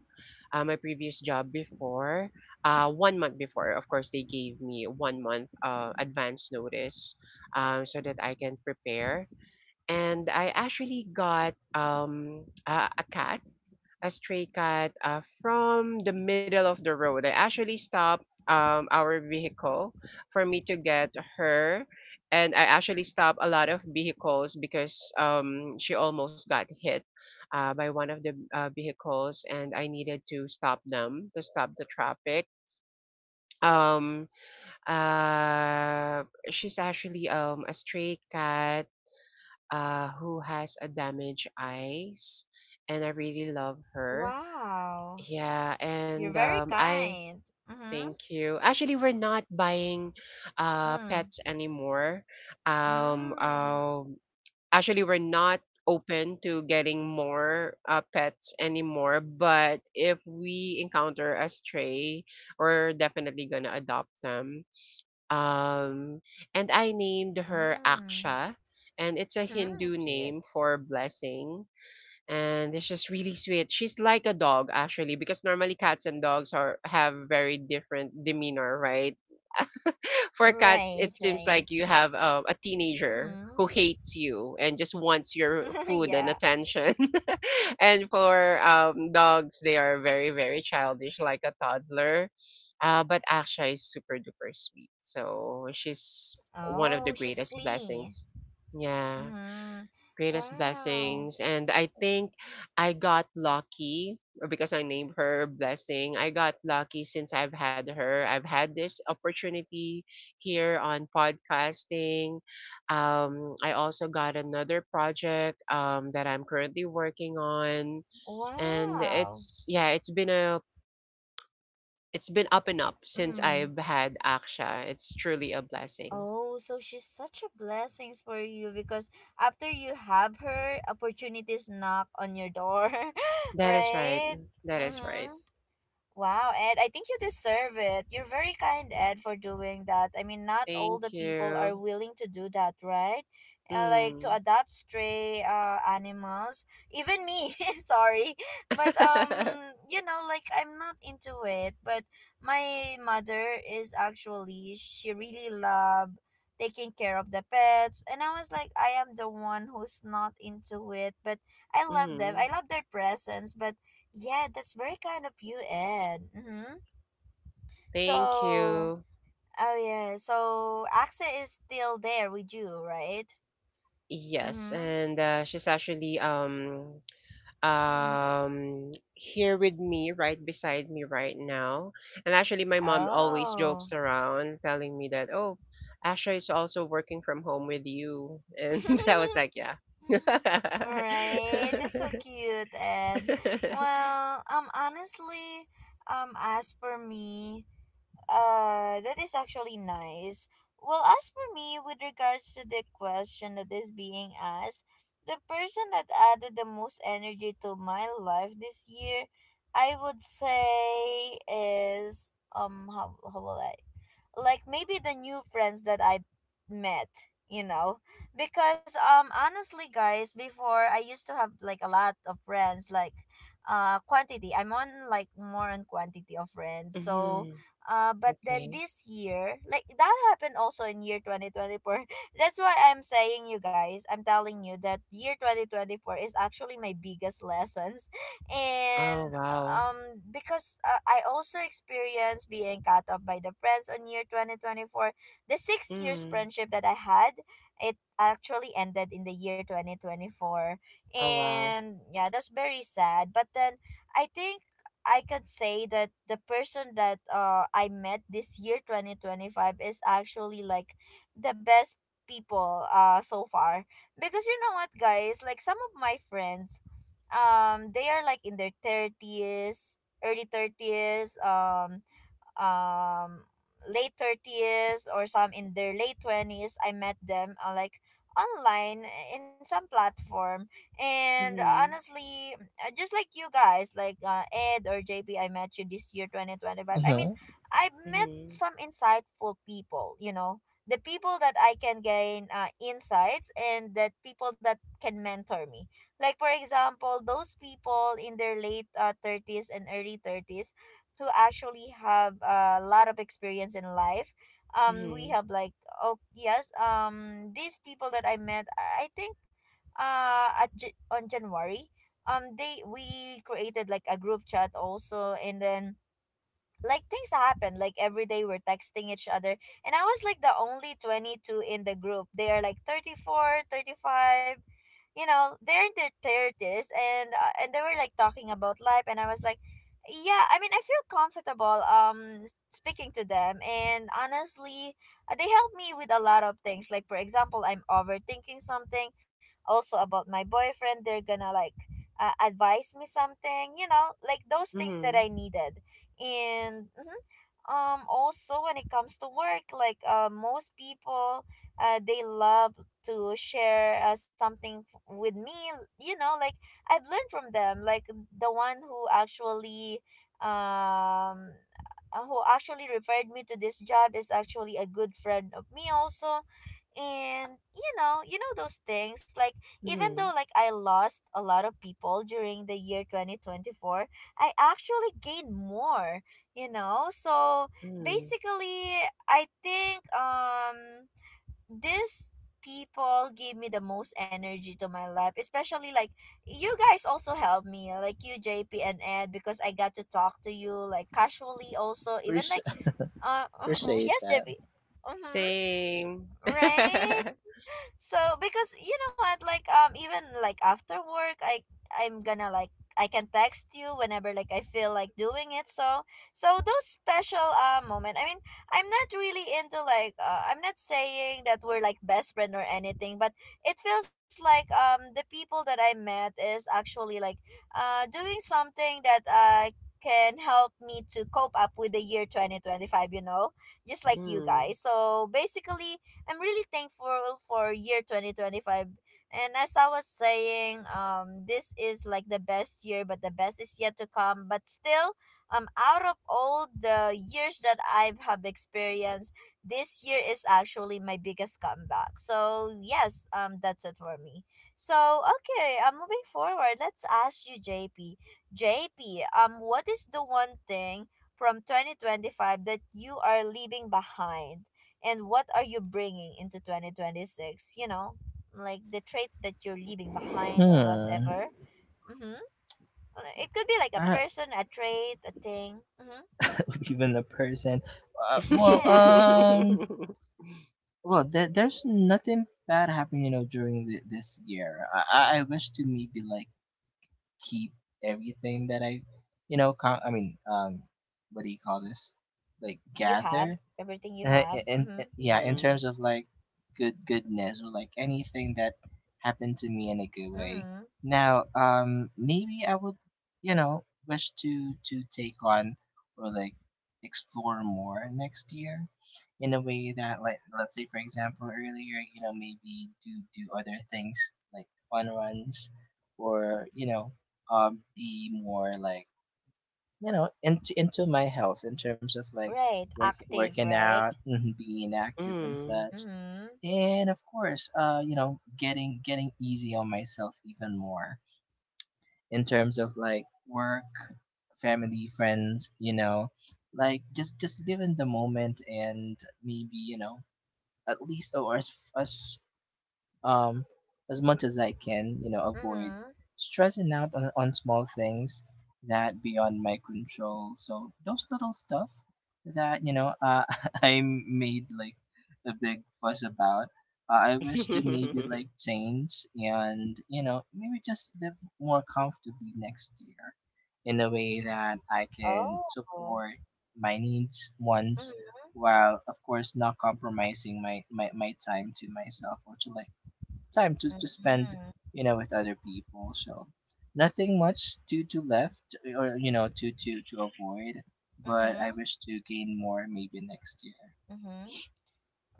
[SPEAKER 3] my previous job before. 1 month before, of course, they gave me 1 month advance notice so that I can prepare, and I actually got a stray cat from the middle of the road. I actually stopped our vehicle for me to get her, and I actually stopped a lot of vehicles because she almost got hit by one of the vehicles, and I needed to stop them to stop the traffic. Um, uh, she's actually a stray cat who has a damaged eyes, and I really love her.
[SPEAKER 1] Wow.
[SPEAKER 3] Yeah,
[SPEAKER 1] You're
[SPEAKER 3] and
[SPEAKER 1] very
[SPEAKER 3] I
[SPEAKER 1] kind. Mm-hmm.
[SPEAKER 3] thank you. Actually, we're not buying
[SPEAKER 1] Mm.
[SPEAKER 3] pets anymore. Um,
[SPEAKER 1] Mm.
[SPEAKER 3] um, Actually, we're not open to getting more pets anymore. But if we encounter a stray, we're definitely gonna adopt them. Um, and I named her
[SPEAKER 1] Mm.
[SPEAKER 3] Aksha, and it's a
[SPEAKER 1] Hmm.
[SPEAKER 3] Hindu
[SPEAKER 1] Cute.
[SPEAKER 3] name for blessing, and it's just really sweet. She's like a dog actually because normally cats and dogs are have very different demeanor, right? For cats,
[SPEAKER 1] Right.
[SPEAKER 3] it seems
[SPEAKER 1] Right.
[SPEAKER 3] like you have a teenager
[SPEAKER 1] Mm.
[SPEAKER 3] who hates you and just wants your food and
[SPEAKER 1] Yeah.
[SPEAKER 3] attention. And for dogs, they are very very childish, like a toddler. But Aksha is super duper sweet, so she's one of the
[SPEAKER 1] Oh, she's
[SPEAKER 3] greatest
[SPEAKER 1] clean.
[SPEAKER 3] blessings. Yeah,
[SPEAKER 1] Mm.
[SPEAKER 3] greatest
[SPEAKER 1] Wow.
[SPEAKER 3] blessings. And I think I got lucky or because I named her Blessing. I got lucky since I've had her. I've had this opportunity here on podcasting. I also got another project that I'm currently working on. And
[SPEAKER 1] Wow.
[SPEAKER 3] it's, yeah, it's been up and up since
[SPEAKER 1] Mm.
[SPEAKER 3] I've had Aksha. It's truly a blessing.
[SPEAKER 1] Oh, so she's such a blessing for you, because after you have her, opportunities knock on your door,
[SPEAKER 3] That is right.
[SPEAKER 1] right?
[SPEAKER 3] That is right.
[SPEAKER 1] Mm-hmm. Wow, Ed, I think you deserve it. You're very kind, Ed, for doing that. I mean, not all the
[SPEAKER 3] Thank
[SPEAKER 1] people
[SPEAKER 3] you.
[SPEAKER 1] are willing to do that, right? Like, to
[SPEAKER 3] Mm.
[SPEAKER 1] adopt stray animals. Even me, sorry. But you know, like, I'm not into it, but my mother is actually, she really love taking care of the pets, and I was like, I am the one who's not into it, but I love them.
[SPEAKER 3] Mhm.
[SPEAKER 1] I love their presence, but yeah, that's very kind of you, Ed. Mm-hmm.
[SPEAKER 3] Thank
[SPEAKER 1] So, oh
[SPEAKER 3] you.
[SPEAKER 1] yeah, so AXA is still there with you, right?
[SPEAKER 3] Yes,
[SPEAKER 1] Mm-hmm.
[SPEAKER 3] and she's actually
[SPEAKER 1] Mm-hmm.
[SPEAKER 3] here with me, right beside me right now. And actually, my mom always jokes
[SPEAKER 1] Oh.
[SPEAKER 3] around, telling me that, "Oh, Asha is also working from home with you," and I was like, "Yeah."
[SPEAKER 1] All right, that's so cute, Ed. Well, honestly, as for me, that is actually nice. Well, as for me, with regards to the question that is being asked, the person that added the most energy to my life this year, I would say is how will I like maybe the new friends that I met, you know. Because honestly guys, before, I used to have like a lot of friends, like quantity. I'm on like more on quantity of friends. So
[SPEAKER 3] Mhm.
[SPEAKER 1] but then
[SPEAKER 3] Okay.
[SPEAKER 1] this year, like that happened also in year 2024. That's why I'm saying you guys, I'm telling you that year 2024 is actually my biggest lessons.
[SPEAKER 3] Oh
[SPEAKER 1] And
[SPEAKER 3] wow.
[SPEAKER 1] because I also experienced being cut off by the friends on year 2024. The 6 years
[SPEAKER 3] Mm.
[SPEAKER 1] friendship that I had, it actually ended in the year 2024.
[SPEAKER 3] Oh wow.
[SPEAKER 1] And yeah, that's very sad. But then I think I could say that the person that I met this year 2025 is actually like the best people so far, because you know what, guys, like some of my friends, they are like in their 30s, early 30s, um late 30s, or some in their late 20s. I met them, like online, in some platform. And
[SPEAKER 3] Mhm.
[SPEAKER 1] honestly, mm, just like you guys, like Ed or JP, I met you this year 2025. I mean,
[SPEAKER 2] Mm-hmm.
[SPEAKER 1] I've met
[SPEAKER 3] Mhm.
[SPEAKER 1] some insightful people, you know, the people that I can gain insights, and that people that can mentor me, like, for example, those people in their late 30s and early 30s, who actually have a lot of experience in life. We
[SPEAKER 3] Mhm.
[SPEAKER 1] have like, oh yes, these people that I met, I think on January, they, we created like a group chat also. And then, like, things happen, like every day we're texting each other, and I was like the only 22 in the group. They are like 34, 35, you know, they're in their 30s. And they were like talking about life, and I was like, yeah, I mean, I feel comfortable speaking to them. And honestly, they help me with a lot of things, like for example, I'm overthinking something also about my boyfriend, they're gonna like, advise me something, you know, like those things that
[SPEAKER 3] Mhm.
[SPEAKER 1] I needed. And mhm. Also, when it comes to work, like, most people, they love to share, with me, you know, like I've learned from them, like the one who actually, um who actually referred me to this job is actually a good friend of me also. And you know, those things, like even though
[SPEAKER 3] Mhm,
[SPEAKER 1] like I lost a lot of people during the year 2024, I actually gain more, you know? So
[SPEAKER 3] mhm.
[SPEAKER 1] basically, I think these people gave me the most energy to my life, especially like you guys also helped me, like you, JP and Ed, because I got to talk to you like casually also, even like
[SPEAKER 2] Appreciate,
[SPEAKER 1] uh
[SPEAKER 2] appreciate
[SPEAKER 1] yes,
[SPEAKER 2] that.
[SPEAKER 1] JP. Mhm.
[SPEAKER 3] Same.
[SPEAKER 1] Right? So because you know what, like even like after work, I'm gonna like, I can text you whenever like I feel like doing it. So, so those special moment. I mean, I'm not really into like, I'm not saying that we're like best friend or anything, but it feels like the people that I met is actually like doing something that can help me to cope up with the year 2025, you know, just like you
[SPEAKER 3] Mm.
[SPEAKER 1] guys. So basically, I'm really thankful for year 2025. And as I was saying, this is like the best year, but the best is yet to come. But still, out of all the years that I have experienced, this year is actually my biggest comeback. So yes, that's it for me. So okay, I'm moving forward. Let's ask you, J P. J P. What is the one thing from 2025 that you are leaving behind, and what are you bringing into 2026? You know, like the traits that you're leaving behind or
[SPEAKER 2] Hmm.
[SPEAKER 1] whatever. Mm-hmm. It could be like a
[SPEAKER 2] I
[SPEAKER 1] person, a trait, a thing. Mm-hmm.
[SPEAKER 2] believe in the person. Uh, well,
[SPEAKER 1] Yes,
[SPEAKER 2] um, well, there's nothing bad happening, you know, during this year. I wish to maybe like keep everything that I, I mean, what do you call this? Like
[SPEAKER 1] you have
[SPEAKER 2] gather.
[SPEAKER 1] everything you have. Mm-hmm.
[SPEAKER 2] Yeah, in
[SPEAKER 3] Mhm.
[SPEAKER 2] terms of like goodness, or like anything that happened to me in a good way.
[SPEAKER 1] Mm-hmm.
[SPEAKER 2] Now, maybe I would, wish to take on, or like explore more next year, in a way that, like, let's say for example, earlier, maybe do other things like fun runs, or be more like, into my health in terms of like
[SPEAKER 1] Right,
[SPEAKER 2] work,
[SPEAKER 1] active,
[SPEAKER 2] working
[SPEAKER 1] right.
[SPEAKER 2] out, mhm, being active and
[SPEAKER 3] Mhm.
[SPEAKER 2] such.
[SPEAKER 1] Mm-hmm.
[SPEAKER 2] And of course, getting easy on myself even more in terms of like work, family, friends, like just live in the moment, and maybe, at least, or as um, as much as I can, avoid
[SPEAKER 1] Mm-hmm.
[SPEAKER 2] stressing out on small things that beyond my control. So those little stuff that, I made like a big fuss about. I wish to maybe like change, and, maybe just live more comfortably next year, in a way that I can
[SPEAKER 1] Oh.
[SPEAKER 2] support my needs, wants,
[SPEAKER 1] Mm-hmm.
[SPEAKER 2] while of course not compromising my time to myself, or to like time to spend
[SPEAKER 1] Mm-hmm.
[SPEAKER 2] with other people. So nothing much to left, or to avoid. But I
[SPEAKER 1] Mm-hmm.
[SPEAKER 2] wish to gain more maybe next year.
[SPEAKER 1] Mm-hmm.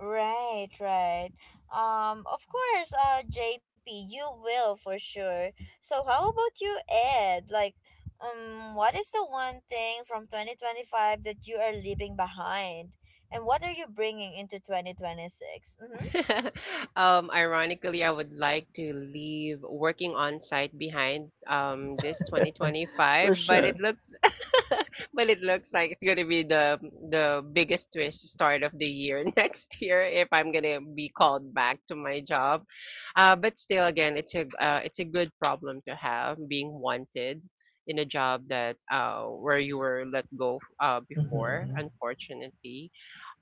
[SPEAKER 1] Right, right. Of course, JP, you will for sure. So, how about you, Ed? Like, what is the one thing from 2025 that you are leaving behind? And what are you bringing into 2026? Mm-hmm.
[SPEAKER 3] Ironically, I would like to leave working on site behind this 2025,
[SPEAKER 2] For
[SPEAKER 3] but
[SPEAKER 2] sure.
[SPEAKER 3] it looks but it looks like it's gonna be the biggest twist start of the year next year if I'm gonna be called back to my job. But still, again, it's a good problem to have being wanted in a job that where you were let go before,
[SPEAKER 2] Hmm.
[SPEAKER 3] unfortunately.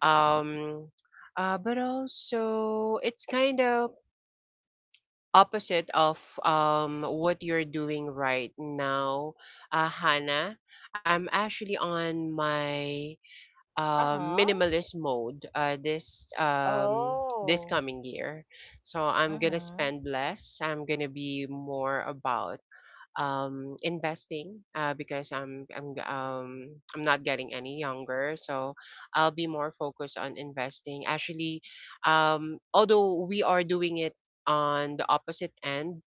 [SPEAKER 3] um but also it's kind of opposite of what you're doing right now, Hannah. I'm actually on my
[SPEAKER 1] Uh-huh.
[SPEAKER 3] minimalist mode this
[SPEAKER 1] Oh.
[SPEAKER 3] coming year. So I'm gonna
[SPEAKER 1] Mm-hmm.
[SPEAKER 3] spend less. I'm gonna be more about investing because I'm not getting any younger, so I'll be more focused on investing. Actually, although we are doing it on the opposite end,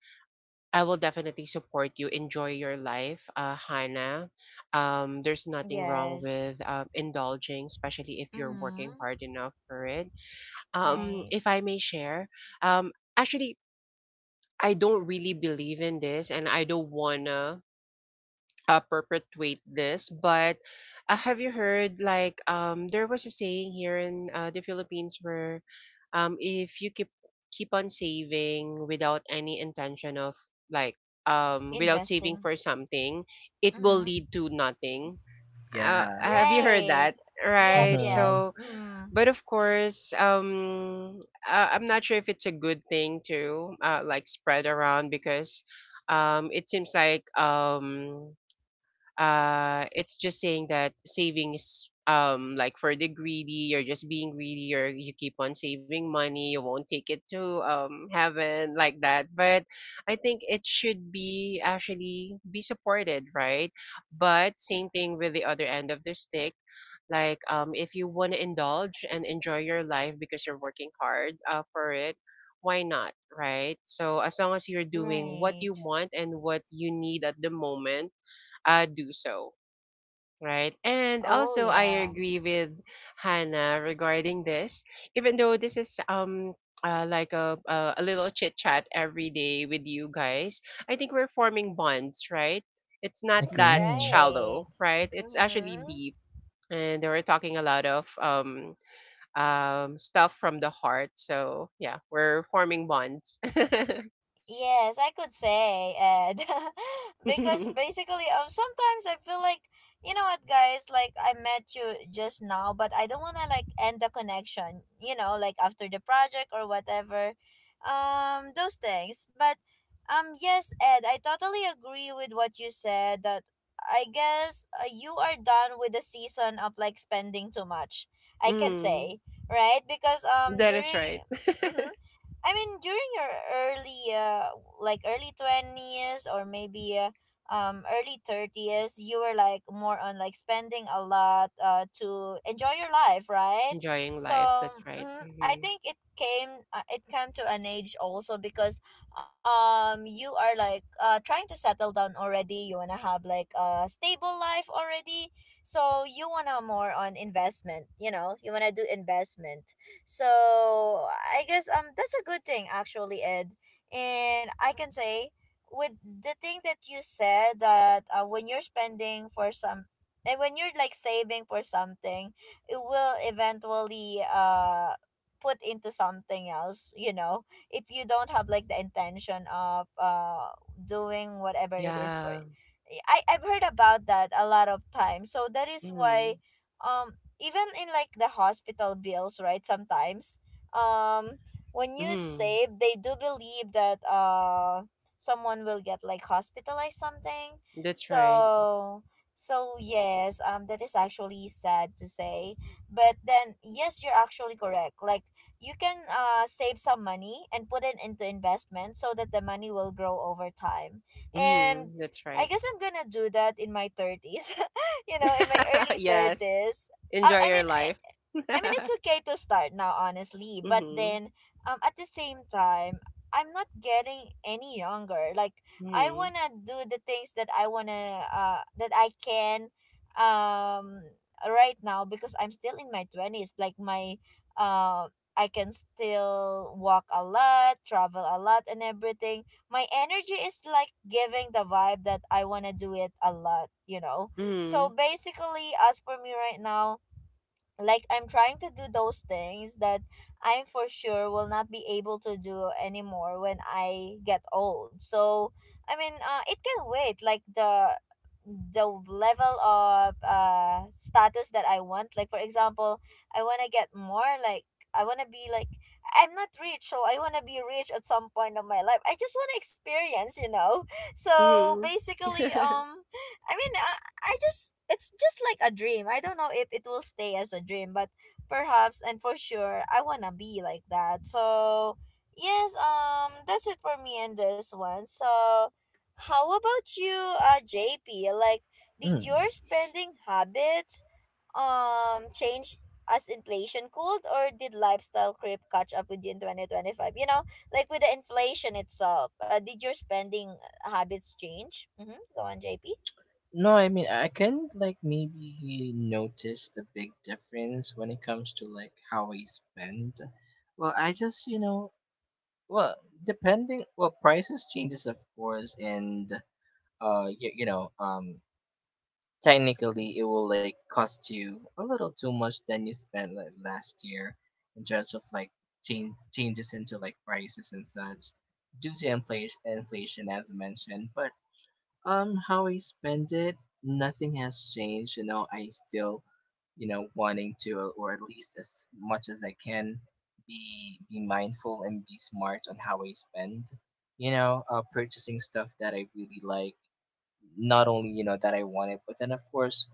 [SPEAKER 3] I will definitely support you. Enjoy your life, Hannah. There's nothing wrong with
[SPEAKER 1] Yes.
[SPEAKER 3] indulging, especially if you're
[SPEAKER 1] Mm-hmm.
[SPEAKER 3] working hard enough for it.
[SPEAKER 1] Right.
[SPEAKER 3] If I may share, um, actually, I don't really believe in this and I don't wanna perpetuate this, but have you heard, like, there was a saying here in the Philippines where if you keep on saving without any intention of like without saving for
[SPEAKER 1] Investing.
[SPEAKER 3] something, it will
[SPEAKER 1] Mm-hmm.
[SPEAKER 3] lead to nothing.
[SPEAKER 2] Yeah.
[SPEAKER 3] Have you heard that?
[SPEAKER 1] Right. Yes,
[SPEAKER 3] Right.
[SPEAKER 2] Hmm.
[SPEAKER 3] So
[SPEAKER 1] yes. Mm.
[SPEAKER 3] but of course, I'm not sure if it's a good thing to like spread around, because it seems like it's just saying that savings, like for the greedy, you're just being greedy, or you keep on saving money, you won't take it to heaven, like that. But I think it should be actually be supported, right? But same thing with the other end of the stick, like if you want to indulge and enjoy your life because you're working hard for it, why not, right? So as long as you're doing what you
[SPEAKER 1] Right.
[SPEAKER 3] want and what you need at the moment, do so. Right. And also
[SPEAKER 1] Oh,
[SPEAKER 3] I
[SPEAKER 1] yeah.
[SPEAKER 3] agree with Hannah regarding this. Even though this is like a little chit chat every day with you guys, I think we're forming bonds, right? It's not that
[SPEAKER 2] Agree.
[SPEAKER 3] shallow,
[SPEAKER 1] Right.
[SPEAKER 3] right? It's actually
[SPEAKER 1] Mm-hmm.
[SPEAKER 3] deep. And we're talking a lot of stuff from the heart. So yeah, we're forming bonds.
[SPEAKER 1] Yes, I could say, Ed. Because basically, sometimes I feel like, you know what, guys, like I met you just now, but I don't want to like end the connection, you know, like after the project or whatever. Those things. But, yes, Ed, I totally agree with what you said, that I guess, you are done with the season of like spending too much, I can
[SPEAKER 3] Mm,
[SPEAKER 1] say, right? Because,
[SPEAKER 3] that is
[SPEAKER 1] during.
[SPEAKER 3] right.
[SPEAKER 1] Mhm. I mean, during your early, like early 20s, or maybe, early 30s, you were like more on like spending a lot to enjoy your life, right?
[SPEAKER 3] Enjoying
[SPEAKER 1] So,
[SPEAKER 3] life. That's right.
[SPEAKER 1] mm, I
[SPEAKER 3] Hmm.
[SPEAKER 1] think it came, it came to an age also, because you are like, trying to settle down already. You wanna have like a stable life already, so you wanna more on investment. You know, you wanna do investment, so I guess that's a good thing actually, Ed. And I can say with the thing that you said that when you're spending for some and when you're like saving for something, it will eventually put into something else, you know, if you don't have like the intention of doing whatever it is for
[SPEAKER 3] Yeah.
[SPEAKER 1] it. I've heard about that a lot of times. So that is
[SPEAKER 3] Mm-hmm.
[SPEAKER 1] why um even in like the hospital bills, right? Sometimes, um, when you
[SPEAKER 3] Mm-hmm.
[SPEAKER 1] save, they do believe that someone will get like hospitalized something.
[SPEAKER 3] That's right.
[SPEAKER 1] So yes, that is actually sad to say. But then yes, you're actually correct. Like you can save some money and put it into investment so that the money will grow over time. And
[SPEAKER 3] Mm-hmm. That's
[SPEAKER 1] I
[SPEAKER 3] right.
[SPEAKER 1] guess I'm gonna do that in my thirties. In my early
[SPEAKER 3] Yes.
[SPEAKER 1] 30s. I,
[SPEAKER 3] Enjoy
[SPEAKER 1] I
[SPEAKER 3] your
[SPEAKER 1] mean I,
[SPEAKER 3] life.
[SPEAKER 1] I mean it's okay to start now honestly, but
[SPEAKER 3] Hmm.
[SPEAKER 1] then at the same time I'm not getting any younger. Like I
[SPEAKER 3] Mm-hmm.
[SPEAKER 1] want to do the things that I want to that I can um right now because I'm still in my 20s, like my uh I can still walk a lot, travel a lot and everything. My energy is like giving the vibe that I want to do it a lot, you know. So basically, as for me right now, like I'm trying to do those things that I for sure will not be able to do anymore when I get old. So I mean, it can wait. Like the level of status that I want. Like for example, I want to get more like I want to be like I'm not rich, so I want to be rich at some point of my life. I just want to experience, you know. So
[SPEAKER 3] Mm-hmm.
[SPEAKER 1] basically,
[SPEAKER 3] Mm-hmm.
[SPEAKER 1] I mean, I just it's just like a dream. I don't know if it will stay as a dream, but perhaps and for sure, I wanna be like that. So yes, that's it for me in this one. So how about you, JP? Like, did
[SPEAKER 2] Mm.
[SPEAKER 1] your spending habits change as inflation cooled, or did lifestyle creep catch up with you in 2025? You know, like with the inflation itself, did your spending habits change? Mm-hmm. Go on, JP.
[SPEAKER 2] No, I mean I can like maybe notice a big difference when it comes to like how I spend. Well, I just, well, depending, well, prices changes, of course, and uh you, you know um technically it will like cost you a little too much than you spent like last year, in terms of like changes into like prices and such, due to inflation as mentioned. But, how I spend it, nothing has changed. You know, I still, wanting to, or at least as much as I can, be mindful and be smart on how I spend. Purchasing stuff that I really like, not only that I want it, but then of course,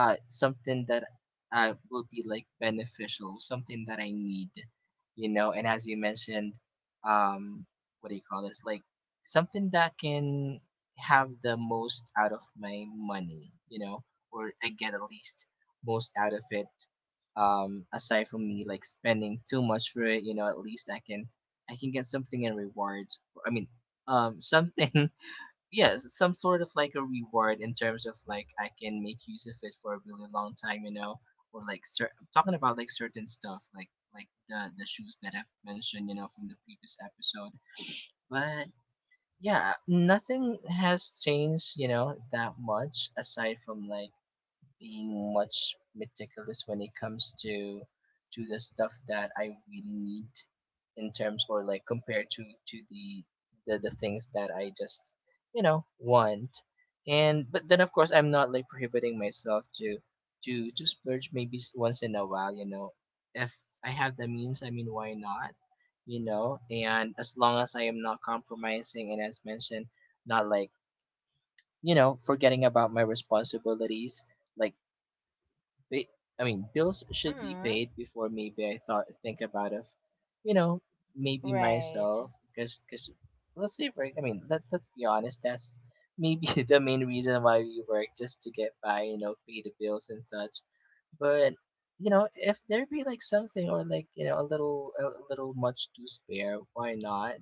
[SPEAKER 2] something that will be like beneficial, something that I need. And as you mentioned, um, what do you call this? Like something that can have the most out of my money, or I get at least most out of it. Aside from me like spending too much for it, at least I can get something in rewards. I mean, something, yes, some sort of like a reward in terms of like I can make use of it for a really long time, you know, or like I'm talking about like certain stuff, like the shoes that I've mentioned, from the previous episode. But yeah, nothing has changed, you know, that much, aside from like being much meticulous when it comes to the stuff that I really need, in terms or like compared to the things that I just, you know, want. And but then of course I'm not like prohibiting myself to splurge maybe once in a while, you know. If I have the means, I mean, why not? You know, and as long as I am not compromising, and as mentioned, not like, you know, forgetting about my responsibilities. Like ba- I mean, bills should be
[SPEAKER 1] Mm-hmm.
[SPEAKER 2] paid before maybe I thought think about of, you know, maybe
[SPEAKER 1] Right.
[SPEAKER 2] myself. Because let's say for, I mean, let's be honest, that's maybe the main reason why we work, just to get by, you know, pay the bills and such. But you know, if there be like something, or like, you know, a little much to spare, why not?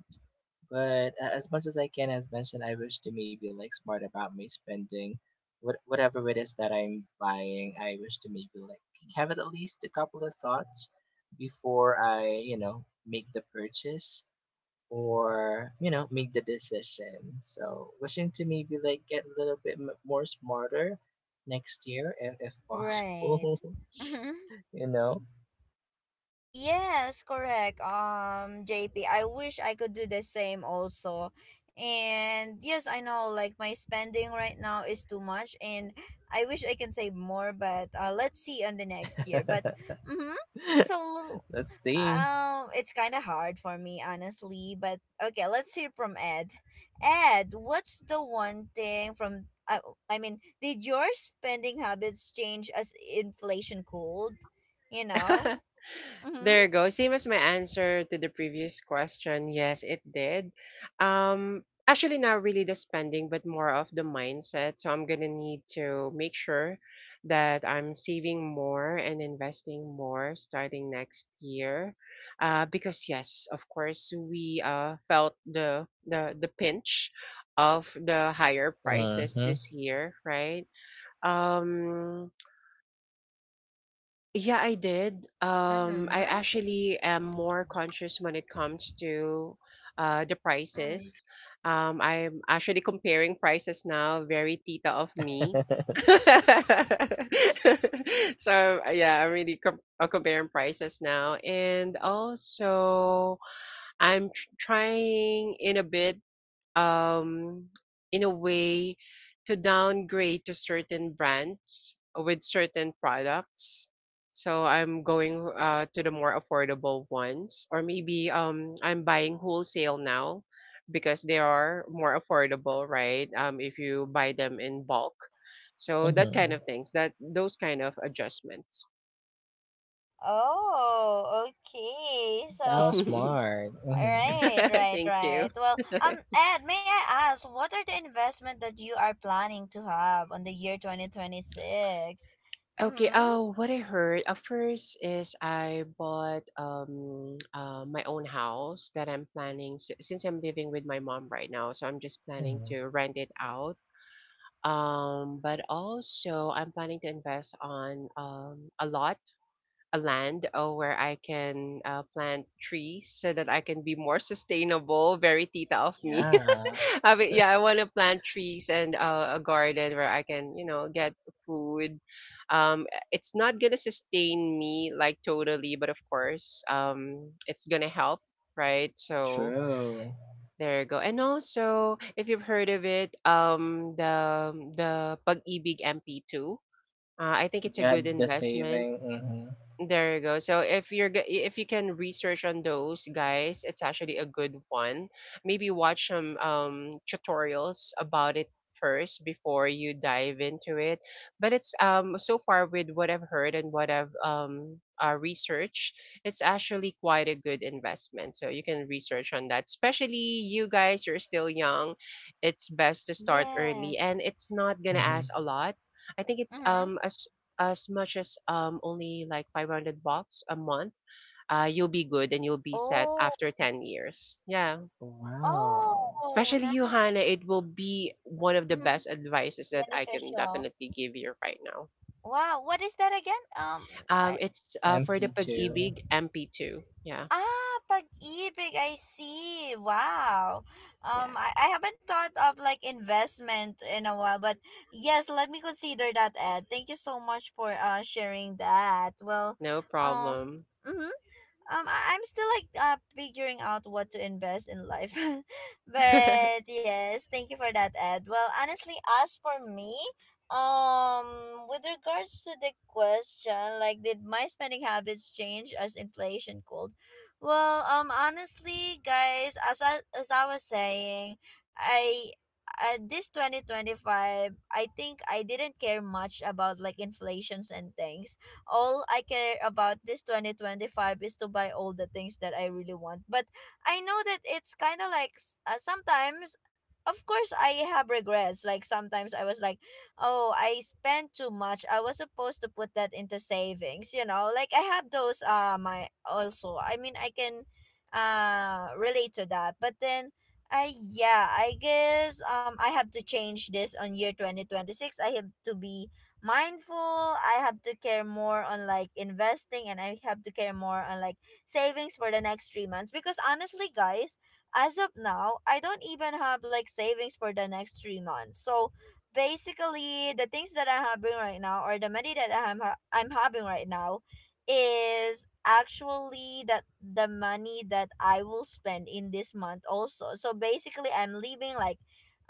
[SPEAKER 2] But as much as I can, as mentioned, I wish to maybe like smart about my spending. Whatever it is that I'm buying, I wish to maybe like have it at least a couple of thoughts before I, you know, make the purchase, or, you know, make the decision. So wishing to maybe like get a little bit more smarter next year, if
[SPEAKER 1] Right.
[SPEAKER 2] possible, you know.
[SPEAKER 1] Yes, correct. JP, I wish I could do the same also. And yes, I know like my spending right now is too much and I wish I can save more, but let's see on the next year. But mm-hmm. So
[SPEAKER 2] Let's see.
[SPEAKER 1] it's kind of hard for me honestly, but okay, let's hear from Ed. Ed, what's the one thing from I mean, did your spending habits change as inflation cooled, you know? Mhm.
[SPEAKER 3] There you go. Same as my answer to the previous question. Yes, it did. Actually, not really the spending, but more of the mindset. So I'm gonna need to make sure that I'm saving more and investing more starting next year. Because yes, of course, we felt the pinch of the higher prices
[SPEAKER 2] Mm-hmm.
[SPEAKER 3] this year, right? Um, yeah, I did. I
[SPEAKER 1] Mm-hmm.
[SPEAKER 3] actually am more conscious when it comes to the
[SPEAKER 1] Mm.
[SPEAKER 3] prices. I'm actually comparing prices now, very tita of me. So, yeah, I'm really comparing prices now. And also, I'm tr trying in a bit, um, in a way, to downgrade to certain brands with certain products. So I'm going to the more affordable ones, or maybe I'm buying wholesale now because they are more affordable, right? If you buy them in bulk. So that kind
[SPEAKER 2] Mm-hmm.
[SPEAKER 3] of things, that those kind of adjustments.
[SPEAKER 1] Oh, okay.
[SPEAKER 2] That was
[SPEAKER 1] So,
[SPEAKER 3] Thank
[SPEAKER 2] smart. Mm-hmm.
[SPEAKER 1] right, right, right.
[SPEAKER 3] you.
[SPEAKER 1] Well, Ed, may I ask, what are the investment that you are planning to have on the year 2026?
[SPEAKER 3] Okay,
[SPEAKER 1] Mm-hmm.
[SPEAKER 3] oh, what I heard first is I bought my own house that I'm planning, since I'm living with my mom right now, so I'm just planning
[SPEAKER 2] Mm-hmm.
[SPEAKER 3] to rent it out. But also I'm planning to invest on a lot, a land where I can plant trees so that I can be more sustainable. Very tita of me.
[SPEAKER 2] Yeah,
[SPEAKER 3] I mean, yeah, I want to plant trees and a garden where I can, you know, get food. Um, it's not gonna sustain me like totally, but of course, it's gonna help, right? So
[SPEAKER 2] true.
[SPEAKER 3] there you go. And also, if you've heard of it, the Pag-ibig MP2. I think it's a
[SPEAKER 2] Get
[SPEAKER 3] good
[SPEAKER 2] the
[SPEAKER 3] investment.
[SPEAKER 2] saving. Mm-hmm.
[SPEAKER 3] There you go. So if you can research on those guys, it's actually a good one. Maybe watch some tutorials about it first before you dive into it. But it's so far, with what I've heard and what I've researched, it's actually quite a good investment. So you can research on that. Especially you guys, you're still young. It's best to start early,
[SPEAKER 1] Yes.
[SPEAKER 3] and it's not gonna ask
[SPEAKER 2] Mm-hmm.
[SPEAKER 3] a lot. I think it's
[SPEAKER 1] Mm-hmm.
[SPEAKER 3] as much as only like 500 bucks a month, you'll be good and you'll be set
[SPEAKER 1] Oh,
[SPEAKER 3] after 10 years. Yeah,
[SPEAKER 2] Wow.
[SPEAKER 1] oh,
[SPEAKER 3] especially you,
[SPEAKER 1] nice.
[SPEAKER 3] Hannah. It will be one of the
[SPEAKER 1] Mm-hmm.
[SPEAKER 3] best advices that I can
[SPEAKER 1] Beneficial.
[SPEAKER 3] definitely give you right now.
[SPEAKER 1] Wow, what is that again? I
[SPEAKER 3] It's for the
[SPEAKER 2] MP2.
[SPEAKER 3] Pag-ibig MP2. Yeah.
[SPEAKER 1] Ah, pag-ibig, I see. Wow.
[SPEAKER 3] Yeah,
[SPEAKER 1] I haven't thought of like investment in a while, but yes, let me consider that, Ed. Thank you so much for sharing that. Well,
[SPEAKER 3] no
[SPEAKER 1] um,
[SPEAKER 3] problem.
[SPEAKER 1] mhm I- I'm still like figuring out what to invest in life. but yes, thank you for that, Ed. Well, honestly, as for me, with regards to the question, like did my spending habits change as inflation cooled? Well, honestly, guys, as I was saying, I this 2025, I think I didn't care much about like inflations and things. All I care about this 2025 is to buy all the things that I really want. But I know that it's kind of like sometimes of course I have regrets. Like sometimes I was like, "Oh, I spent too much. I was supposed to put that into savings." You know, like I have those my also. I mean, I can relate to that. But then I yeah, I guess I have to change this on year 2026. I have to be mindful. I have to care more on like investing, and I have to care more on like savings for the next three months, because honestly guys, as of now I don't even have like savings for the next three months. So basically the things that I'm having right now, or the money that I'm having right now, is actually that the money that I will spend in this month also. So basically I'm leaving like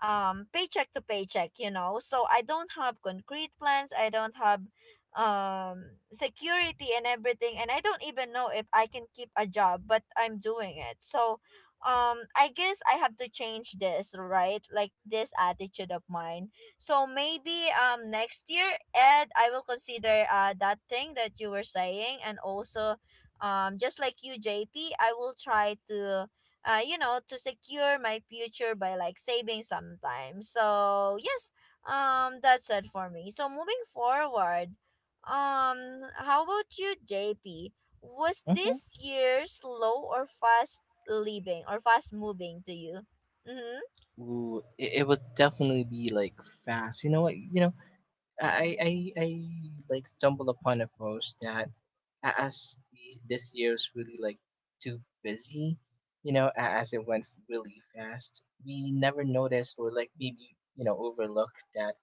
[SPEAKER 1] paycheck to paycheck, you know. So I don't have concrete plans. I don't have um security and everything, and I don't even know if I can keep a job, but I'm doing it. So I guess I have to change this, right? Like this attitude of mine. So maybe next year, Ed, I will consider that thing that you were saying. And also just like you, J P, I will try to you know, to secure my future by like saving sometimes. So yes, that's it for me. So moving forward, how about you, JP? Was
[SPEAKER 2] Mm-hmm.
[SPEAKER 1] this year slow or fast living or fast moving to you? Mm-hmm.
[SPEAKER 2] Ooh, it would definitely be like fast. You know what? You know I like stumbled upon a post that this year was really like too busy, you know, as it went really fast. We never noticed, or like maybe, you know, overlooked that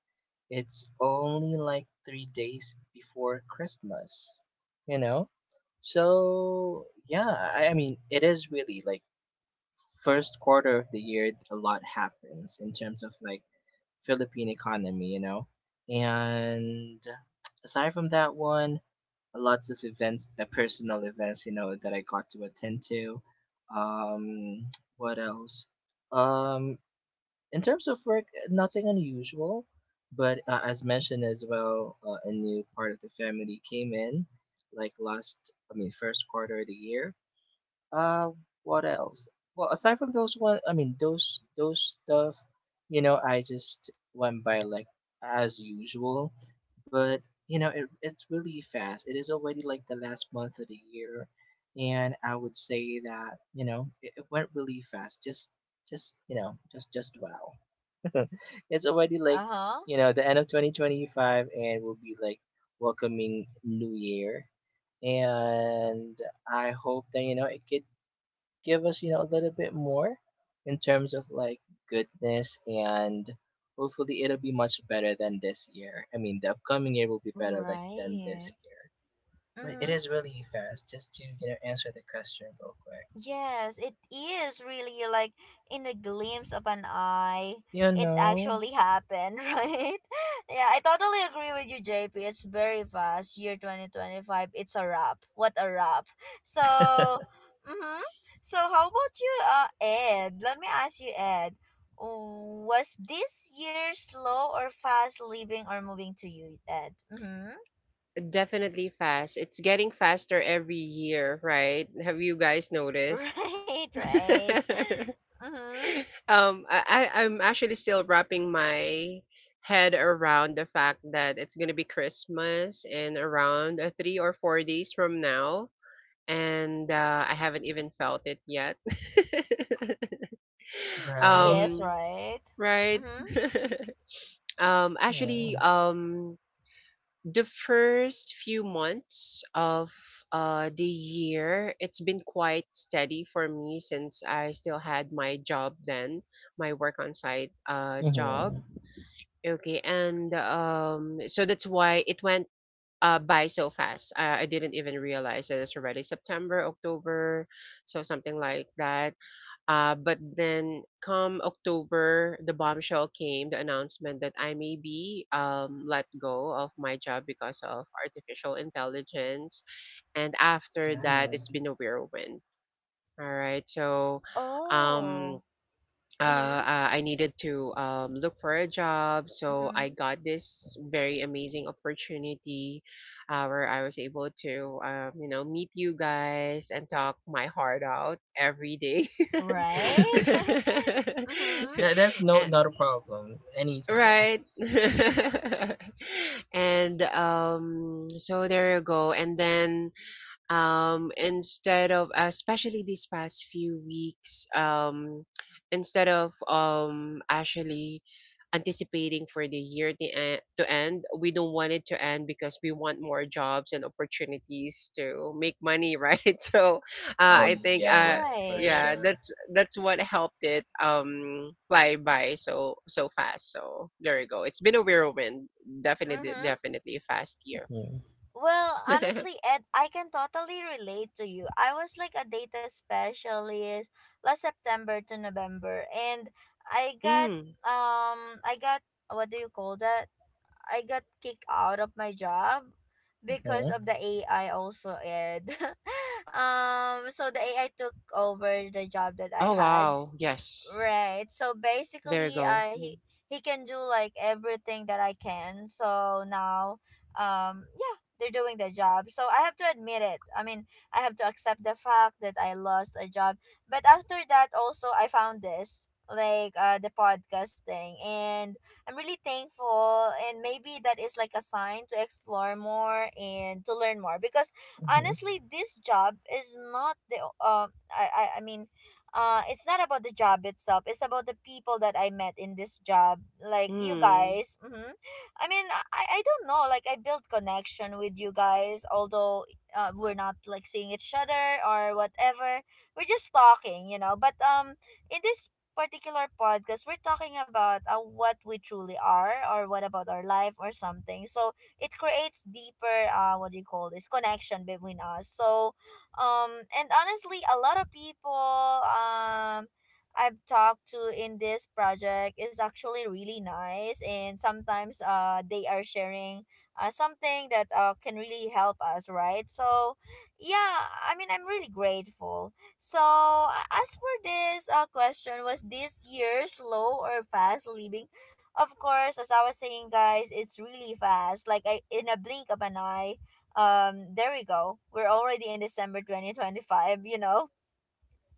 [SPEAKER 2] it's only like 3 days before Christmas, you know? So yeah, I mean, it is really like first quarter of the year, a lot happens in terms of like Philippine economy, you know. And aside from that one, lots of events, personal events, you know, that I got to attend to. Um, what else? Um, in terms of work, nothing unusual, but as mentioned as well, a new part of the family came in, like last, I mean, first quarter of the year. Uh, what else? Well, aside from those one, I mean those stuff, you know, I just went by like as usual. But you know, it's really fast. It is already like the last month of the year, and I would say that you know it went really fast. Just, you know, just wow. It's already like,
[SPEAKER 1] Uh huh.
[SPEAKER 2] you know, the end of 2025, and we'll be like welcoming new year, and I hope that, you know, it get give us, you know, a little bit more in terms of like goodness, and hopefully it'll be much better than this year. I mean, the upcoming year will be better like than this
[SPEAKER 1] Right.
[SPEAKER 2] year. But it
[SPEAKER 1] Mm-hmm.
[SPEAKER 2] is really fast, just to, you know, answer the question real quick.
[SPEAKER 1] Yes, it is really like in the glimpse of an eye,
[SPEAKER 2] You
[SPEAKER 1] it
[SPEAKER 2] know,
[SPEAKER 1] actually happened, right? Yeah, I totally agree with you, JP. It's very fast. Year 2025, it's a wrap. What a wrap. So, mm-hmm. So, how about you, Ed? Let me ask you, Ed. Was this year slow or fast living or moving to you, Ed? Mm-hmm.
[SPEAKER 3] Definitely fast. It's getting faster every year, right? Have you guys noticed?
[SPEAKER 1] Right, right. Mm-hmm.
[SPEAKER 3] I I'm actually still wrapping my head around the fact that it's gonna be Christmas in around 3 or 4 days from now, and I haven't even felt it yet.
[SPEAKER 2] right?
[SPEAKER 1] Yes,
[SPEAKER 3] um,
[SPEAKER 1] right.
[SPEAKER 3] right.
[SPEAKER 1] Mm-hmm.
[SPEAKER 3] Um, actually,
[SPEAKER 2] Hmm.
[SPEAKER 3] um, the first few months of the year, it's been quite steady for me since I still had my job then, my work on site job.
[SPEAKER 2] Mm-hmm.
[SPEAKER 3] Okay, and so that's why it went by so fast. I didn't even realize that it's already September, October, so something like that. But then come October, the bombshell came: the announcement that I may be let go of my job because of artificial intelligence. And after that,
[SPEAKER 2] Sad.
[SPEAKER 3] it's been a whirlwind. All right, so um
[SPEAKER 1] Oh. Mhm.
[SPEAKER 3] I needed to look for a job. So I
[SPEAKER 1] Mhm.
[SPEAKER 3] got this very amazing opportunity where I was able to, you know, meet you guys and talk my heart out every day.
[SPEAKER 1] Right? mhm.
[SPEAKER 2] That's no,
[SPEAKER 3] And,
[SPEAKER 2] not a problem, anytime.
[SPEAKER 3] right. And so there you go. And then instead of, especially these past few weeks, instead of actually anticipating for the year to end, we don't want it to end because we want more jobs and opportunities to make money. Right, so
[SPEAKER 2] Oh
[SPEAKER 3] I think
[SPEAKER 2] yeah, for
[SPEAKER 1] Right.
[SPEAKER 3] yeah,
[SPEAKER 2] sure.
[SPEAKER 3] that's what helped it fly by so so fast. So there you go. It's been a whirlwind. Definitely,
[SPEAKER 1] Mhm.
[SPEAKER 3] definitely fast year.
[SPEAKER 2] Mm-hmm.
[SPEAKER 1] Well, honestly, Ed, I can totally relate to you. I was like a data specialist last September to November, and I got
[SPEAKER 3] Mm.
[SPEAKER 1] I got what do you call that? I got kicked out of my job because
[SPEAKER 2] Mm-hmm.
[SPEAKER 1] of the AI also, Ed.
[SPEAKER 3] Oh wow.
[SPEAKER 1] So the AI
[SPEAKER 3] Yes.
[SPEAKER 1] took over the job that I
[SPEAKER 3] There you
[SPEAKER 1] had.
[SPEAKER 3] go. Mm.
[SPEAKER 1] Right. So basically, he can do like everything that I can. So now, yeah, they're doing the job. So I have to admit it. I mean, I have to accept the fact that I lost a job. But after that, also I found this like the podcast thing, and I'm really thankful. And maybe that is like a sign to explore more and to learn more because
[SPEAKER 2] Mm-hmm.
[SPEAKER 1] honestly, this job is not the I mean it's not about the job itself, it's about the people that I met in this job, like you
[SPEAKER 3] Mm.
[SPEAKER 1] guys. Mm-hmm. I mean, I don't know, like I built connection with you guys, although we're not like seeing each other or whatever, we're just talking, you know. But in this particular podcast, we're talking about what we truly are or what about our life or something, so it creates deeper what do you call this, connection between us. So and honestly, a lot of people I've talked to in this project is actually really nice, and sometimes they are sharing something that can really help us, right? So, yeah, I mean, I'm really grateful. So, as for this question, was this year slow or fast living? Of course, as I was saying, guys, it's really fast. Like in a blink of an eye, there we go, we're already in December 2025, you know.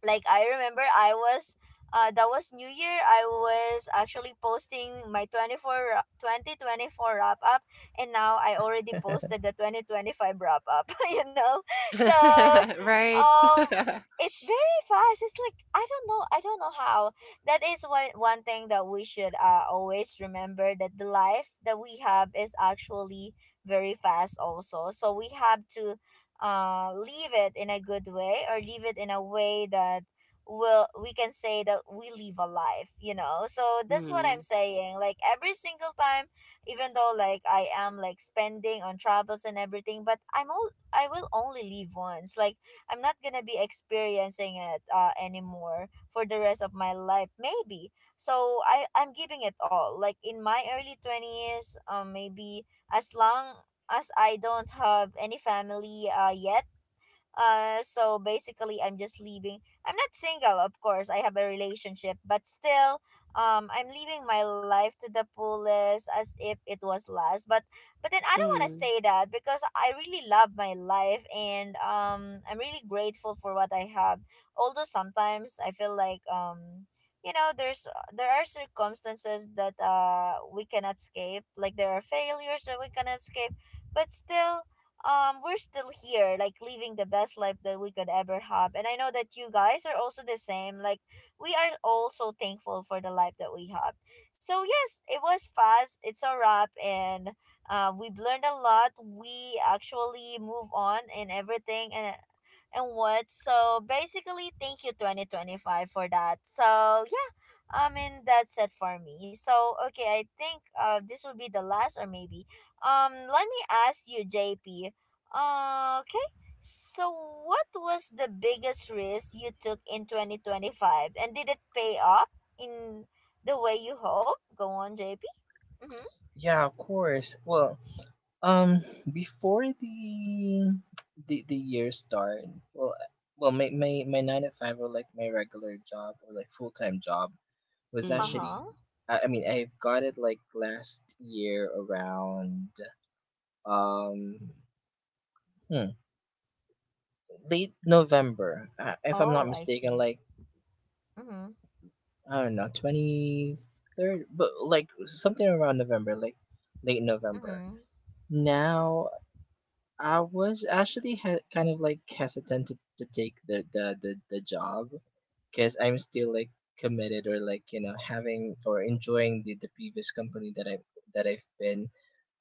[SPEAKER 1] Like I remember I was that was New Year, I was actually posting my 2024 wrap up, and now I already posted the 2025 wrap up. you know, so
[SPEAKER 3] Right.
[SPEAKER 1] um it's very fast. It's like I don't know, I don't know how. That is one thing that we should always remember, that the life that we have is actually very fast also, so we have to leave it in a good way or leave it in a way that will we can say that we live a life, you know. So that's what I'm
[SPEAKER 3] Mm.
[SPEAKER 1] saying, like every single time, even though like I am like spending on travels and everything, but I will only leave once, like I'm not gonna be experiencing it anymore for the rest of my life maybe. So I'm giving it all, like in my early 20s. Maybe as long as I don't have any family yet. So basically, I'm just leaving. I'm not single, of course. I have a relationship, but still, I'm living my life to the fullest as if it was last. But then I don't want to
[SPEAKER 3] Mm.
[SPEAKER 1] say that because I really love my life, and I'm really grateful for what I have. Although sometimes I feel like You know, there are circumstances that we cannot escape. Like there are failures that we cannot escape, but still, we're still here like living the best life that we could ever have, and I know that you guys are also the same, like we are also thankful for the life that we have. So yes, it was fast, it's a wrap. And we've learned a lot, we actually move on and everything, and what so basically thank you 2025 for that. So yeah, I mean, that's it for me. So okay, I think this will be the last, or maybe let me ask you, JP. Okay. So what was the biggest risk you took in 2025, and did it pay off in the way you hoped? Go on, JP. Mhm.
[SPEAKER 2] Yeah, of course. Well, Um, before the year start, well, uh, well, my nine to five, or like my regular job, or like full time job was
[SPEAKER 3] Mm.
[SPEAKER 2] actually,
[SPEAKER 1] Uh-huh.
[SPEAKER 2] I mean, I got it like last year around um hmm, late November, if I'm
[SPEAKER 1] Oh,
[SPEAKER 2] not
[SPEAKER 1] I see.
[SPEAKER 2] mistaken, like
[SPEAKER 1] Mhm.
[SPEAKER 2] I don't know, 23rd, but like something around November, like late November.
[SPEAKER 1] Mhm.
[SPEAKER 2] Now I was actually kind of like hesitant to take the job, because I'm still like committed or like, you know, having or enjoying the previous company that I've been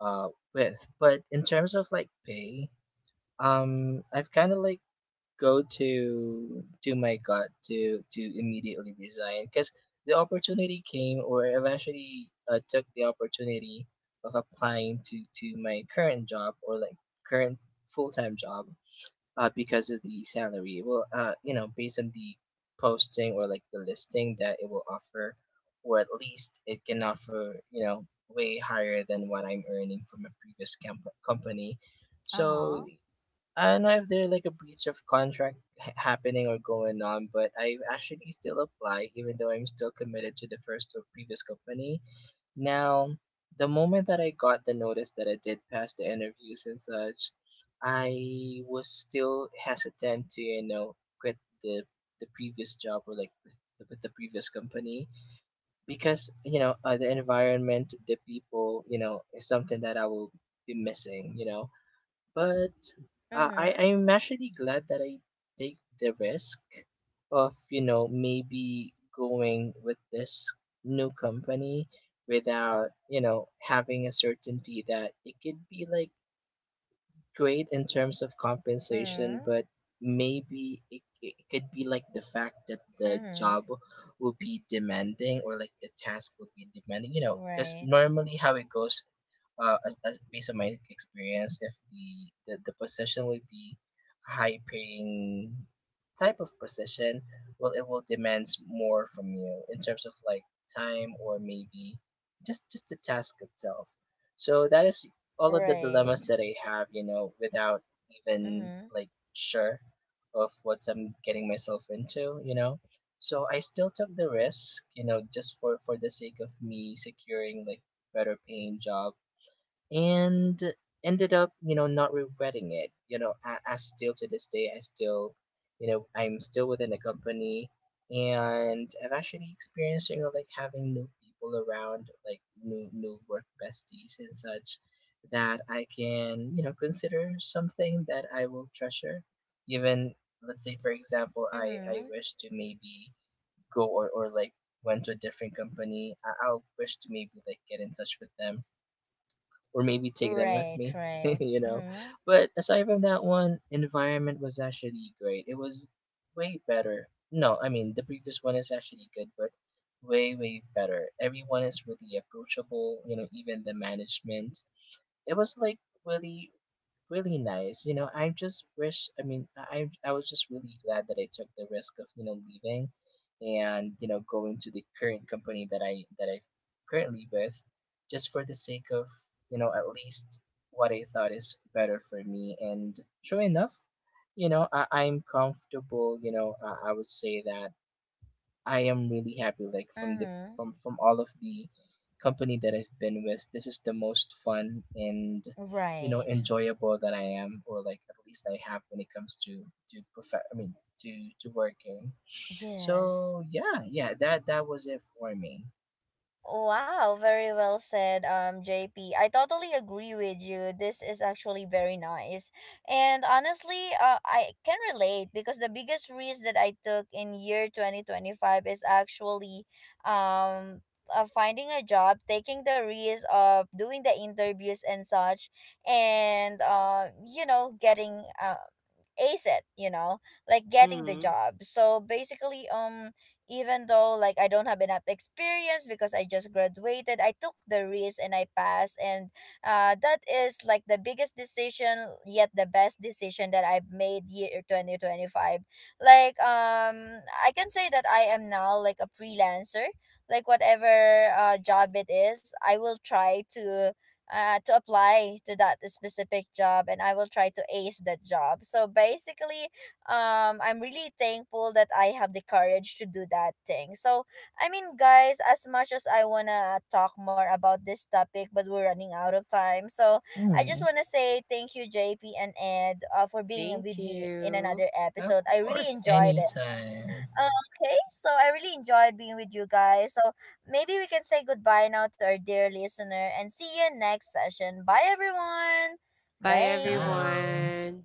[SPEAKER 2] uh with. But in terms of like pay, I've kind of like go to my gut to immediately resign, because the opportunity came, or eventually took the opportunity of applying to my current job, or like current full-time job, because of the salary. Well, you know, based on the posting, or like the listing that it will offer, or at least it can offer, you know, way higher than what I'm earning from a previous company.
[SPEAKER 1] Uh-huh.
[SPEAKER 2] So I don't know if there's like a breach of contract happening or going on, but I actually still apply, even though I'm still committed to the first or previous company. Now, the moment that I got the notice that I did pass the interviews and such, I was still hesitant to, you know, quit the previous job, or like with the previous company, because you know the environment, the people, you know, is something that I will be missing, you know. But I
[SPEAKER 1] Mhm.
[SPEAKER 2] I'm actually glad that I take the risk of, you know, maybe going with this new company, without, you know, having a certainty that it could be like great in terms of compensation.
[SPEAKER 1] Mhm.
[SPEAKER 2] But maybe it could be like the fact that the job
[SPEAKER 1] Mhm.
[SPEAKER 2] will be demanding, or like the task will be demanding, you know, because
[SPEAKER 1] Right.
[SPEAKER 2] normally how it goes, as based on my experience, if the position will be a high paying type of position, well, it will demands more from you in terms of like time, or maybe just the task itself. So that is all of the
[SPEAKER 1] Right.
[SPEAKER 2] dilemmas that I have, you know, without even
[SPEAKER 1] Mhm.
[SPEAKER 2] like sure of what I'm getting myself into, you know. So I still took the risk, you know, just for the sake of me securing like better paying job, and ended up, you know, not regretting it. You know, I still, to this day. I'm still within the company, and I've actually experienced, you know, like having new people around, like new work besties and such, that I can, you know, consider something that I will treasure, even, let's say for example, i
[SPEAKER 1] Mhm.
[SPEAKER 2] wish to maybe go, or like went to a different company. I'll wish to maybe like get in touch with them, or maybe take them with
[SPEAKER 1] Right,
[SPEAKER 2] me,
[SPEAKER 1] right.
[SPEAKER 2] you know.
[SPEAKER 1] Mhm.
[SPEAKER 2] But aside from that one, environment was actually great. It was way better. No, I mean the previous one is actually good, but way better. Everyone is really approachable, you know, even the management. It was like really really nice. You know, I just wish. I mean, I was just really glad that I took the risk of, you know, leaving, and, you know, going to the current company that I currently with, just for the sake of, you know, at least what I thought is better for me. And sure enough, you know I'm comfortable. You know I would say that I am really happy. Like from the
[SPEAKER 1] Mhm.
[SPEAKER 2] from from all of the company that I've been with, this is the most fun and, you know,
[SPEAKER 1] Right.
[SPEAKER 2] enjoyable that I am, or like at least I have when it comes to prof- I mean to working.
[SPEAKER 1] Yes.
[SPEAKER 2] So yeah, that was it for me.
[SPEAKER 1] Wow, very well said, JP. I totally agree with you. This is actually very nice. And honestly, I can relate, because the biggest risk that I took in year 2025 is actually um, finding a job, taking the risk of doing the interviews and such, and, you know, getting ace it, you know, like getting the
[SPEAKER 3] Mm.
[SPEAKER 1] job. So basically even though like I don't have enough experience because I just graduated, I took the risk and I passed. And that is like the biggest decision, yet the best decision that I've made, year 2025. Like I can say that I am now like a freelancer, like whatever job it is, I will try to apply to that specific job, and I will try to ace that job. So basically, I'm really thankful that I have the courage to do that thing. So, I mean, guys, as much as I want to talk more about this topic, but we're running out of time. So, I just
[SPEAKER 2] Mm.
[SPEAKER 1] want to say thank you, JP and Ed, for being
[SPEAKER 3] Thank
[SPEAKER 1] with me in
[SPEAKER 3] you.
[SPEAKER 1] another
[SPEAKER 2] Of
[SPEAKER 1] episode. I really
[SPEAKER 2] course,
[SPEAKER 1] enjoyed it.
[SPEAKER 2] anytime.
[SPEAKER 1] Okay, so I really enjoyed being with you guys. So maybe we can say goodbye now to our dear listener and see you next session. Bye, everyone.
[SPEAKER 3] Bye
[SPEAKER 1] Bye.
[SPEAKER 2] Ciao.
[SPEAKER 3] everyone.